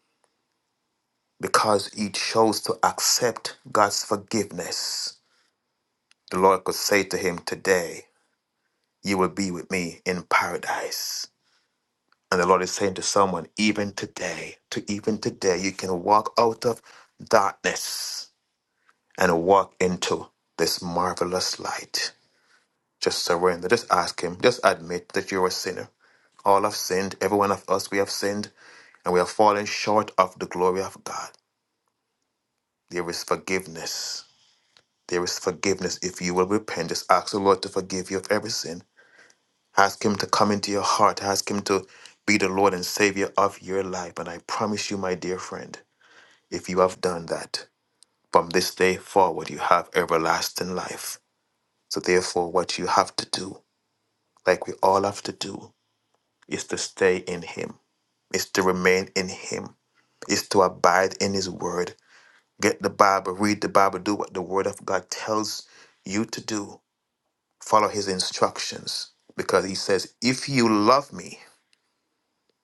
S5: because he chose to accept God's forgiveness, the Lord could say to him today, You will be with me in paradise. And the Lord is saying to someone, even today, to even today, you can walk out of darkness and walk into this marvelous light. Just surrender. Just ask Him. Just admit that you're a sinner All have sinned, every one of us, we have sinned, and we have fallen short of the glory of God. There is forgiveness. There is forgiveness. If you will repent, just ask the Lord to forgive you of every sin. Ask Him to come into your heart. Ask Him to be the Lord and Savior of your life. And I promise you, my dear friend, if you have done that, from this day forward, you have everlasting life. So, therefore, what you have to do, like we all have to do, is to stay in Him, is to remain in Him is to abide in his word. Get the Bible, read the Bible, do what the word of God tells you to do. Follow his instructions because he says, If you love me,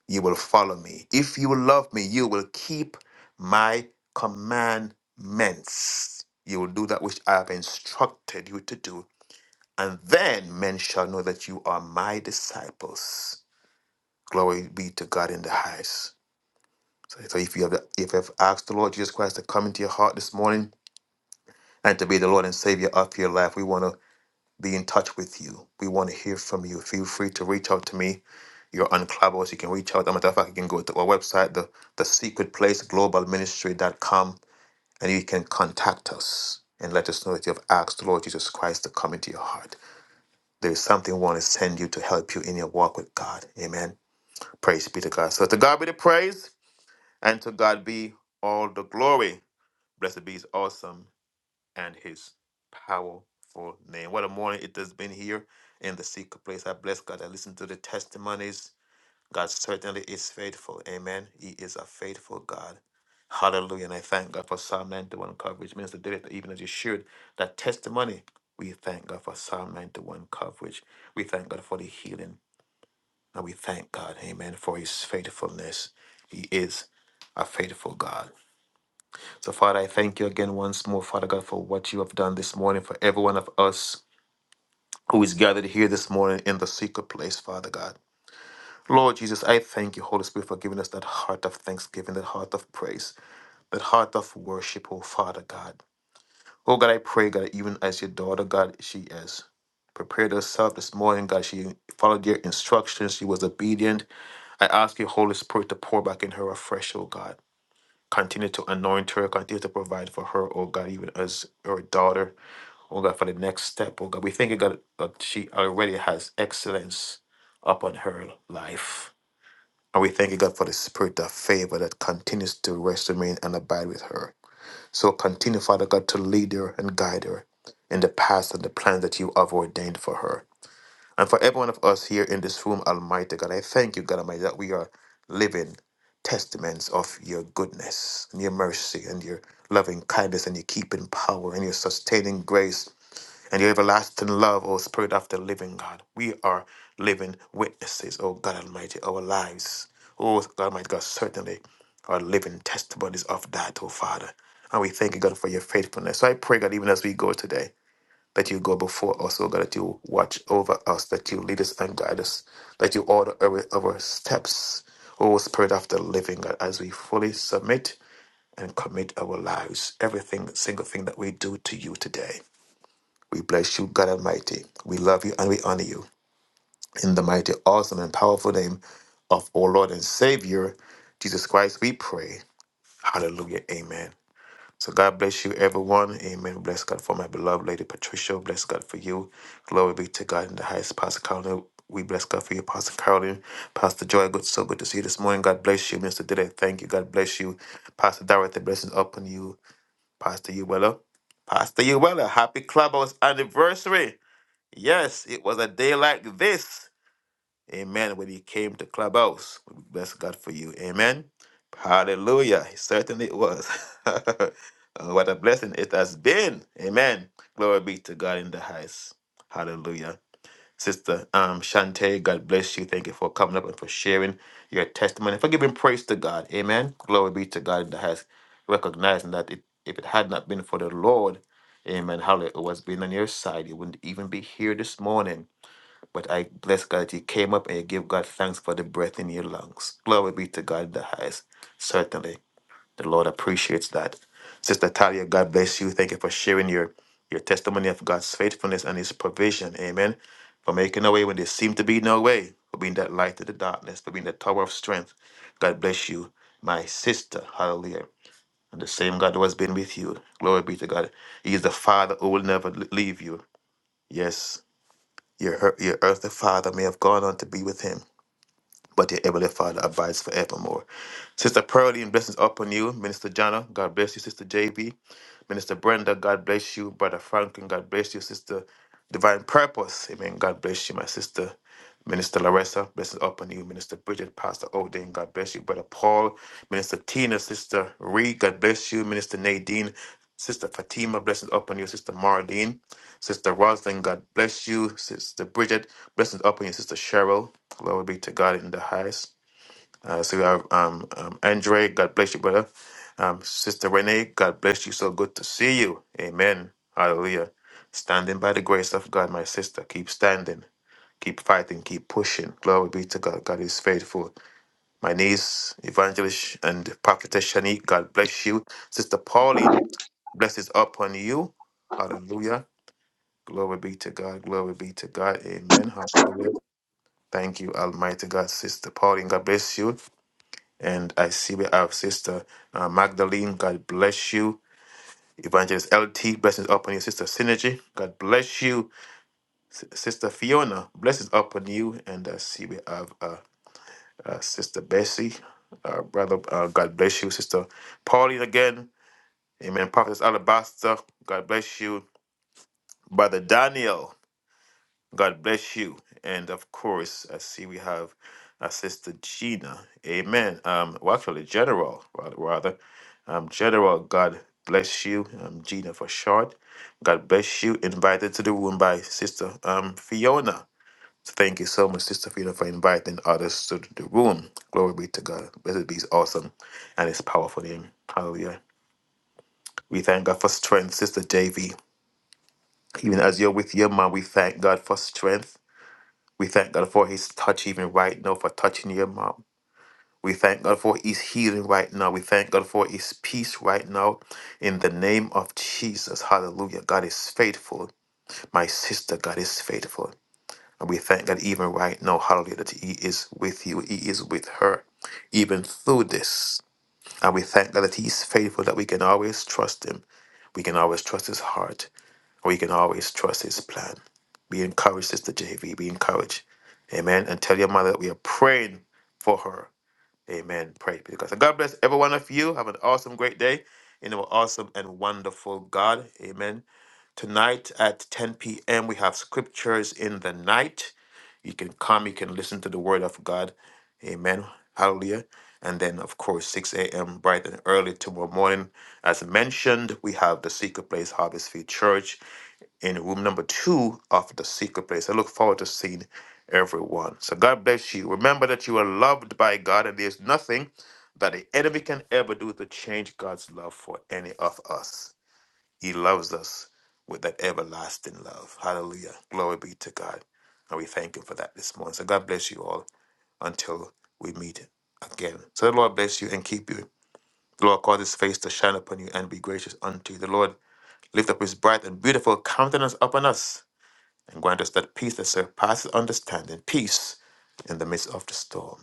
S5: you will follow me. If you love me, you will keep my commandments. You will do that which I have instructed you to do. And then men shall know that you are my disciples. Glory be to God in the highest. So, so if you have if you have asked the Lord Jesus Christ to come into your heart this morning, and to be the Lord and Savior of your life. We want to be in touch with you. We want to hear from you. Feel free to reach out to me. You're on Clubhouse. You can reach out. As a matter of fact, you can go to our website, the, the secret place, Global Ministry dot com, and you can contact us and let us know that you have asked the Lord Jesus Christ to come into your heart. There is something we want to send you to help you in your walk with God. Amen. Praise be to God. So to God be the praise, and to God be all the glory. Blessed be his awesome and his powerful name. What a morning it has been here in the secret place. I bless God. I listen to the testimonies. God certainly is faithful. Amen. He is a faithful God. Hallelujah. And I thank God for Psalm 91 coverage. Minister David, even as you shared that testimony, we thank God for Psalm 91 coverage. We thank God for the healing. And we thank God, amen, for his faithfulness. He is a faithful God. So, Father, I thank you again once more, Father God, for what you have done this morning for every one of us who is gathered here this morning in the secret place, Father God. Lord Jesus, I thank you, Holy Spirit, for giving us that heart of thanksgiving, that heart of praise, that heart of worship, oh Father God. Oh God, I pray, God, even as your daughter, God, she has prepared herself this morning, God, she followed your instructions, she was obedient. I ask you, Holy Spirit, to pour back in her afresh, oh God. Continue to anoint her, continue to provide for her, oh God, even as her daughter oh God, for the next step, oh God. We thank you, God, that she already has excellence upon her life. And we thank you, God, for the spirit of favor that continues to rest, remain, and abide with her. So continue, Father God, to lead her and guide her in the paths and the plans that you have ordained for her. And for every one of us here in this room, Almighty God, I thank you, God Almighty, that we are living testaments of your goodness and your mercy and your loving kindness and your keeping power and your sustaining grace and your everlasting love, O Spirit of the living God. We are living witnesses, O God Almighty, our lives. O God Almighty God, certainly are living testimonies of that, O Father. And we thank you, God, for your faithfulness. So I pray, God, even as we go today, that you go before us, O God, that you watch over us, that you lead us and guide us, that you order our, our steps, O Spirit of the living God, as we fully submit and commit our lives, everything, single thing that we do to you today. We bless you, God Almighty. We love you and we honor you. In the mighty, awesome, and powerful name of our Lord and Savior, Jesus Christ, we pray. Hallelujah. Amen. So God bless you, everyone. Amen. Bless God for my beloved Lady Patricia. Bless God for you. Glory be to God in the highest, Pastor Carolyn. We bless God for you, Pastor Carolyn. Pastor Joy, good, so good to see you this morning. God bless you, Mr. Diddy. Thank you. God bless you. Pastor Dorothy, blessings upon you. Pastor Uwella. Pastor Uwella, happy Clubhouse anniversary. Yes, it was a day like this. Amen. When he came to Clubhouse. We Bless God for you. Amen. Hallelujah. It certainly was. Uh, what a blessing it has been. Amen. Glory be to God in the highest. Hallelujah. Sister um, Shante, God bless you. Thank you for coming up and for sharing your testimony. For giving praise to God. Amen. Glory be to God in the highest. Recognizing that it, if it had not been for the Lord, Amen. Hallelujah. who has been on your side. You wouldn't even be here this morning. But I bless God that you came up and you give God thanks for the breath in your lungs. Glory be to God in the highest. Certainly, the Lord appreciates that. Sister Talia, God bless you. Thank you for sharing your, your testimony of God's faithfulness and His provision. Amen. For making a way when there seemed to be no way, for being that light to the darkness, for being the tower of strength. God bless you, my sister. Hallelujah. And the same God who has been with you. Glory be to God. He is the Father who will never leave you. Yes. Your, ear- your earthly father may have gone on to be with him, but your heavenly father abides forevermore. Sister Pearlie, and blessings upon you. Minister Jana, God bless you. Sister JB, Minister Brenda, God bless you. Brother Franklin, God bless you. Sister Divine Purpose, amen. God bless you, my sister. Minister Larissa, blessings upon you. Minister Bridget, Pastor Odin, God bless you. Brother Paul, Minister Tina, Sister Reed, God bless you. Minister Nadine, Sister Fatima, blessings upon you. Sister Marlene, Sister Roslyn, God bless you. Sister Bridget, blessings upon you. Sister Cheryl, glory be to God in the highest. Uh, so we have um, um, Andre, God bless you, brother. Um, Sister Renee, God bless you. So good to see you. Amen. Hallelujah. Standing by the grace of God, my sister. Keep standing. Keep fighting. Keep pushing. Glory be to God. God is faithful. My niece, Evangelist and Prophetess Shanique, God bless you. Sister Pauline, blessings upon you. Hallelujah. Glory be to God. Glory be to God. Amen. Hallelujah. Thank you, Almighty God, Sister Pauline. God bless you. And I see we have Sister uh, Magdalene. God bless you. Evangelist LT, blessings upon you. Sister Synergy, God bless you. S- Sister Fiona, blessings upon you. And I see we have uh, uh, Sister Bessie. Uh, brother, uh, God bless you. Sister Pauline again. Amen. Prophetess Alabaster, God bless you. Brother Daniel, God bless you. And of course, I see we have uh, Sister Gina. Amen. Um, well, actually, General, rather. rather. Um, General, God bless you. Um, Gina for short. God bless you. Invited to the room by Sister um, Fiona. So thank you so much, Sister Fiona, for inviting others to the room. Glory be to God. Blessed be his awesome and his powerful name. Hallelujah. We thank God for strength, Sister Davy. Even as you're with your mom, we thank God for strength. We thank God for his touch, even right now, for touching your mom. We thank God for His healing right now. We thank God for His peace right now. In the name of Jesus, hallelujah. God is faithful. My sister, God is faithful. And we thank God even right now, hallelujah, that He is with you, He is with her, even through this. And we thank God that He is faithful, that we can always trust Him. We can always trust His heart. We can always trust His plan. Be encouraged, Sister JV. Be encouraged. Amen. And tell your mother that we are praying for her Amen. Pray because and God So God bless every one of you. Have an awesome, great day in our awesome and wonderful God. Amen. Tonight at 10 p.m. we have scriptures in the night. You can come, you can listen to the word of God. Amen. Hallelujah. And then, of course, 6 a.m. bright and early tomorrow morning. As mentioned, we have the Secret Place Harvest Field Church in room number two of the secret place. I look forward to seeing everyone. So God bless you. Remember that you are loved by God, and there's nothing that the enemy can ever do to change God's love for any of us. He loves us with that everlasting love. Hallelujah. Glory be to God. And we thank Him for that this morning. So God bless you all until we meet again. So the Lord bless you and keep you. The Lord cause His face to shine upon you and be gracious unto you. The Lord lift up His bright and beautiful countenance upon us and grant us that peace that surpasses understanding, peace in the midst of the storm.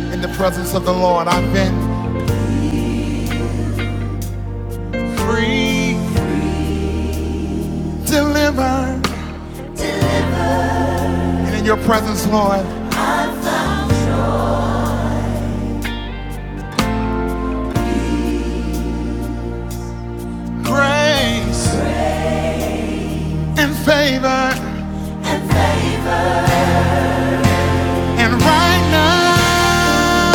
S1: In the presence of the Lord, I've been free, delivered. And in your presence, Lord, grace and favor. And right now,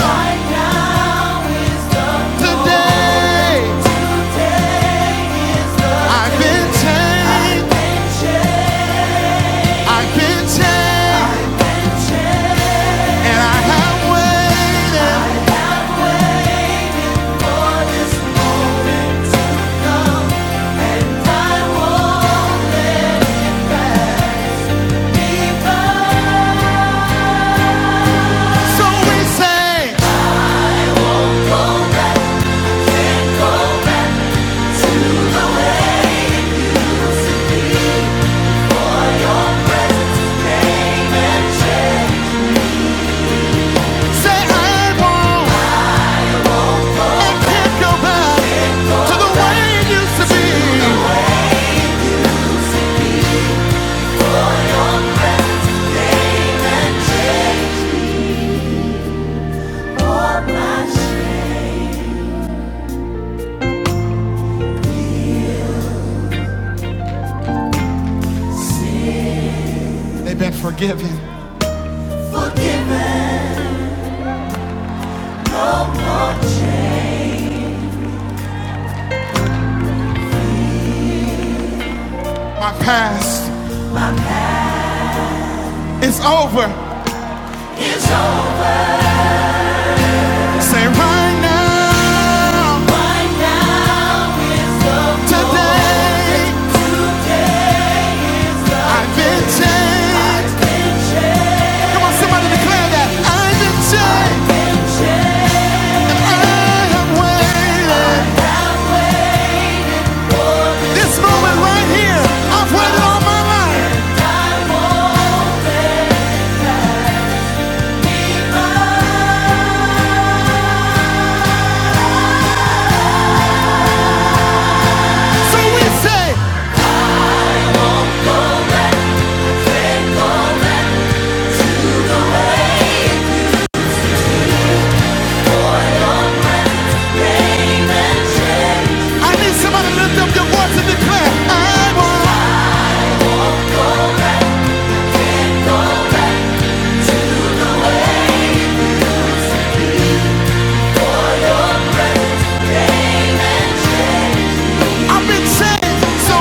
S1: today, I've been changed. I've been changed. And I have waited. Hey. They've been forgiven. My past is over. Say right now, today, I've been changed. Come on, somebody declare that. I've been changed. And I have waited. This moment right here, I've waited all my life. So we say, I need somebody to lift up your voice and declare, I want. so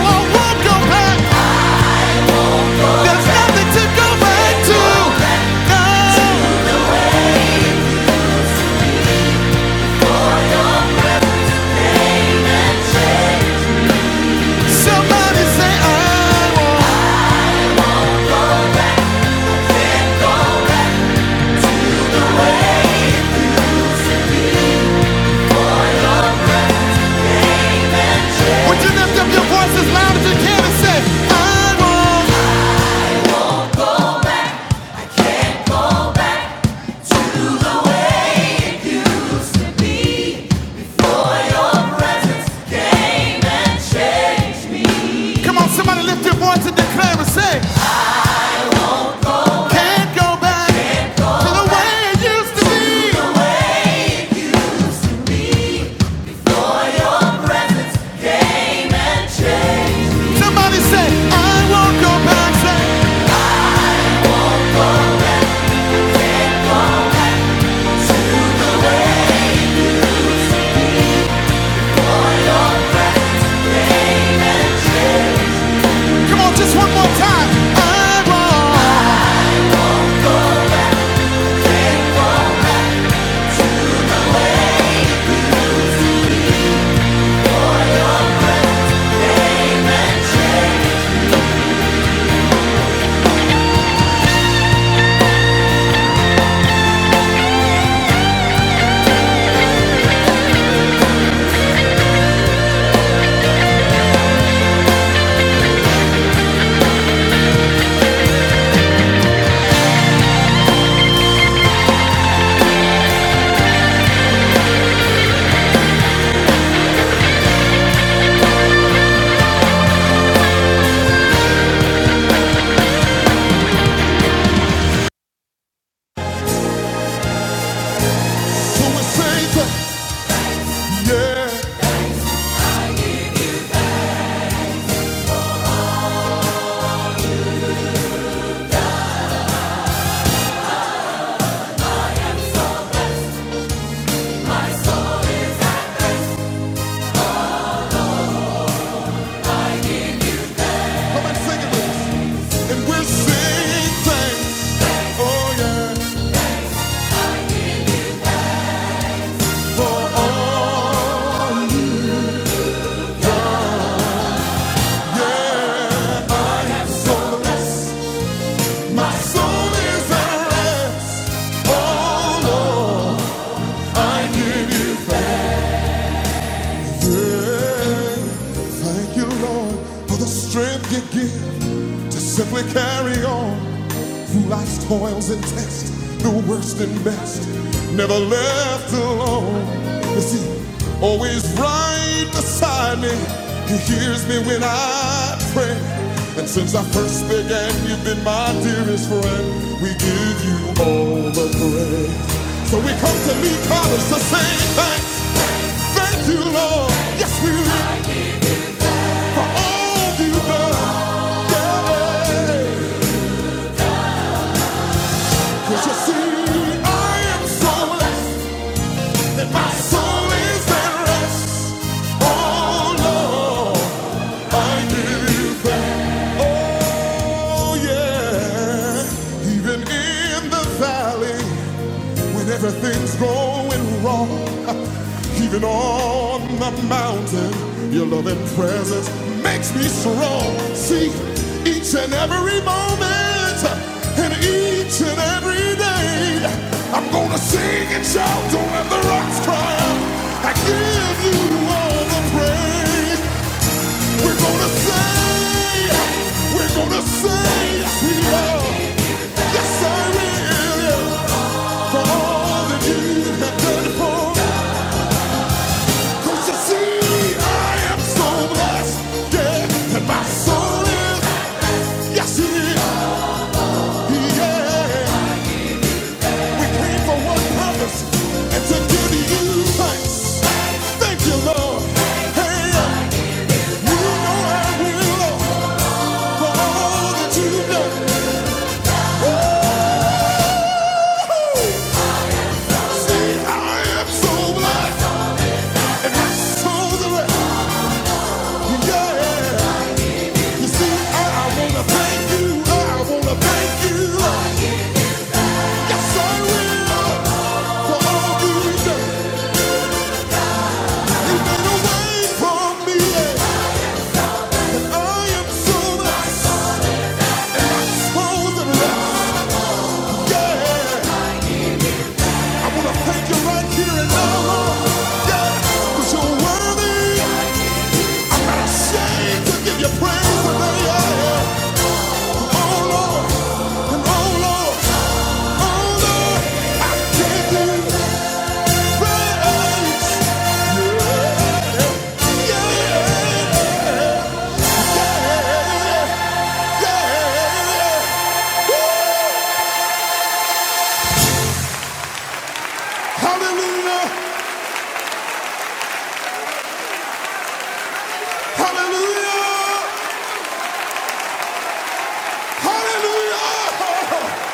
S1: Come on, somebody lift your voice and declare and say, Can't go back to the way it used to be. Somebody say, I won't go back. Say, so we're safe, yeah. Come on, sing it with us. And we're saying thanks, oh yeah, for all. Thank you, Lord, for the strength you give to simply carry on. Through life's toils and tests, the worst and best, never left alone. You see, always right beside me? He hears me when I pray. And since I first began, you've been my dearest friend. We give you all the praise. So we come to Lee College to say thanks. Thank you, Lord. Yes, we do. For all you've done. Yeah. yeah. Cause you see, I am so blessed that my soul is at rest. Oh Lord, I give you praise. Oh yeah, even in the valley. When everything's going wrong, even on the mountain, your loving presence makes me strong. See, each and every moment, and each and every day, I'm gonna sing and shout, don't let the rocks cry out. I give you all the praise. We're gonna say, we're gonna say, yes, we are. Yes, I will. Thank you, Lord. Hey, you know I will for all that you've done. Say, I am so blessed, and I so the Yeah. You see, I, I wanna thank you, I, I wanna thank you. Yes, I will. For all the years you made away from me, and I am so exposed and lost. Yeah, I wanna thank you right here and now, Lord. Yeah, 'cause you're worthy. I'm not ashamed to give you praise today. Yeah. Oh Lord, and oh Lord, oh Lord, I give you praise. Hallelujah! Hallelujah! Hallelujah!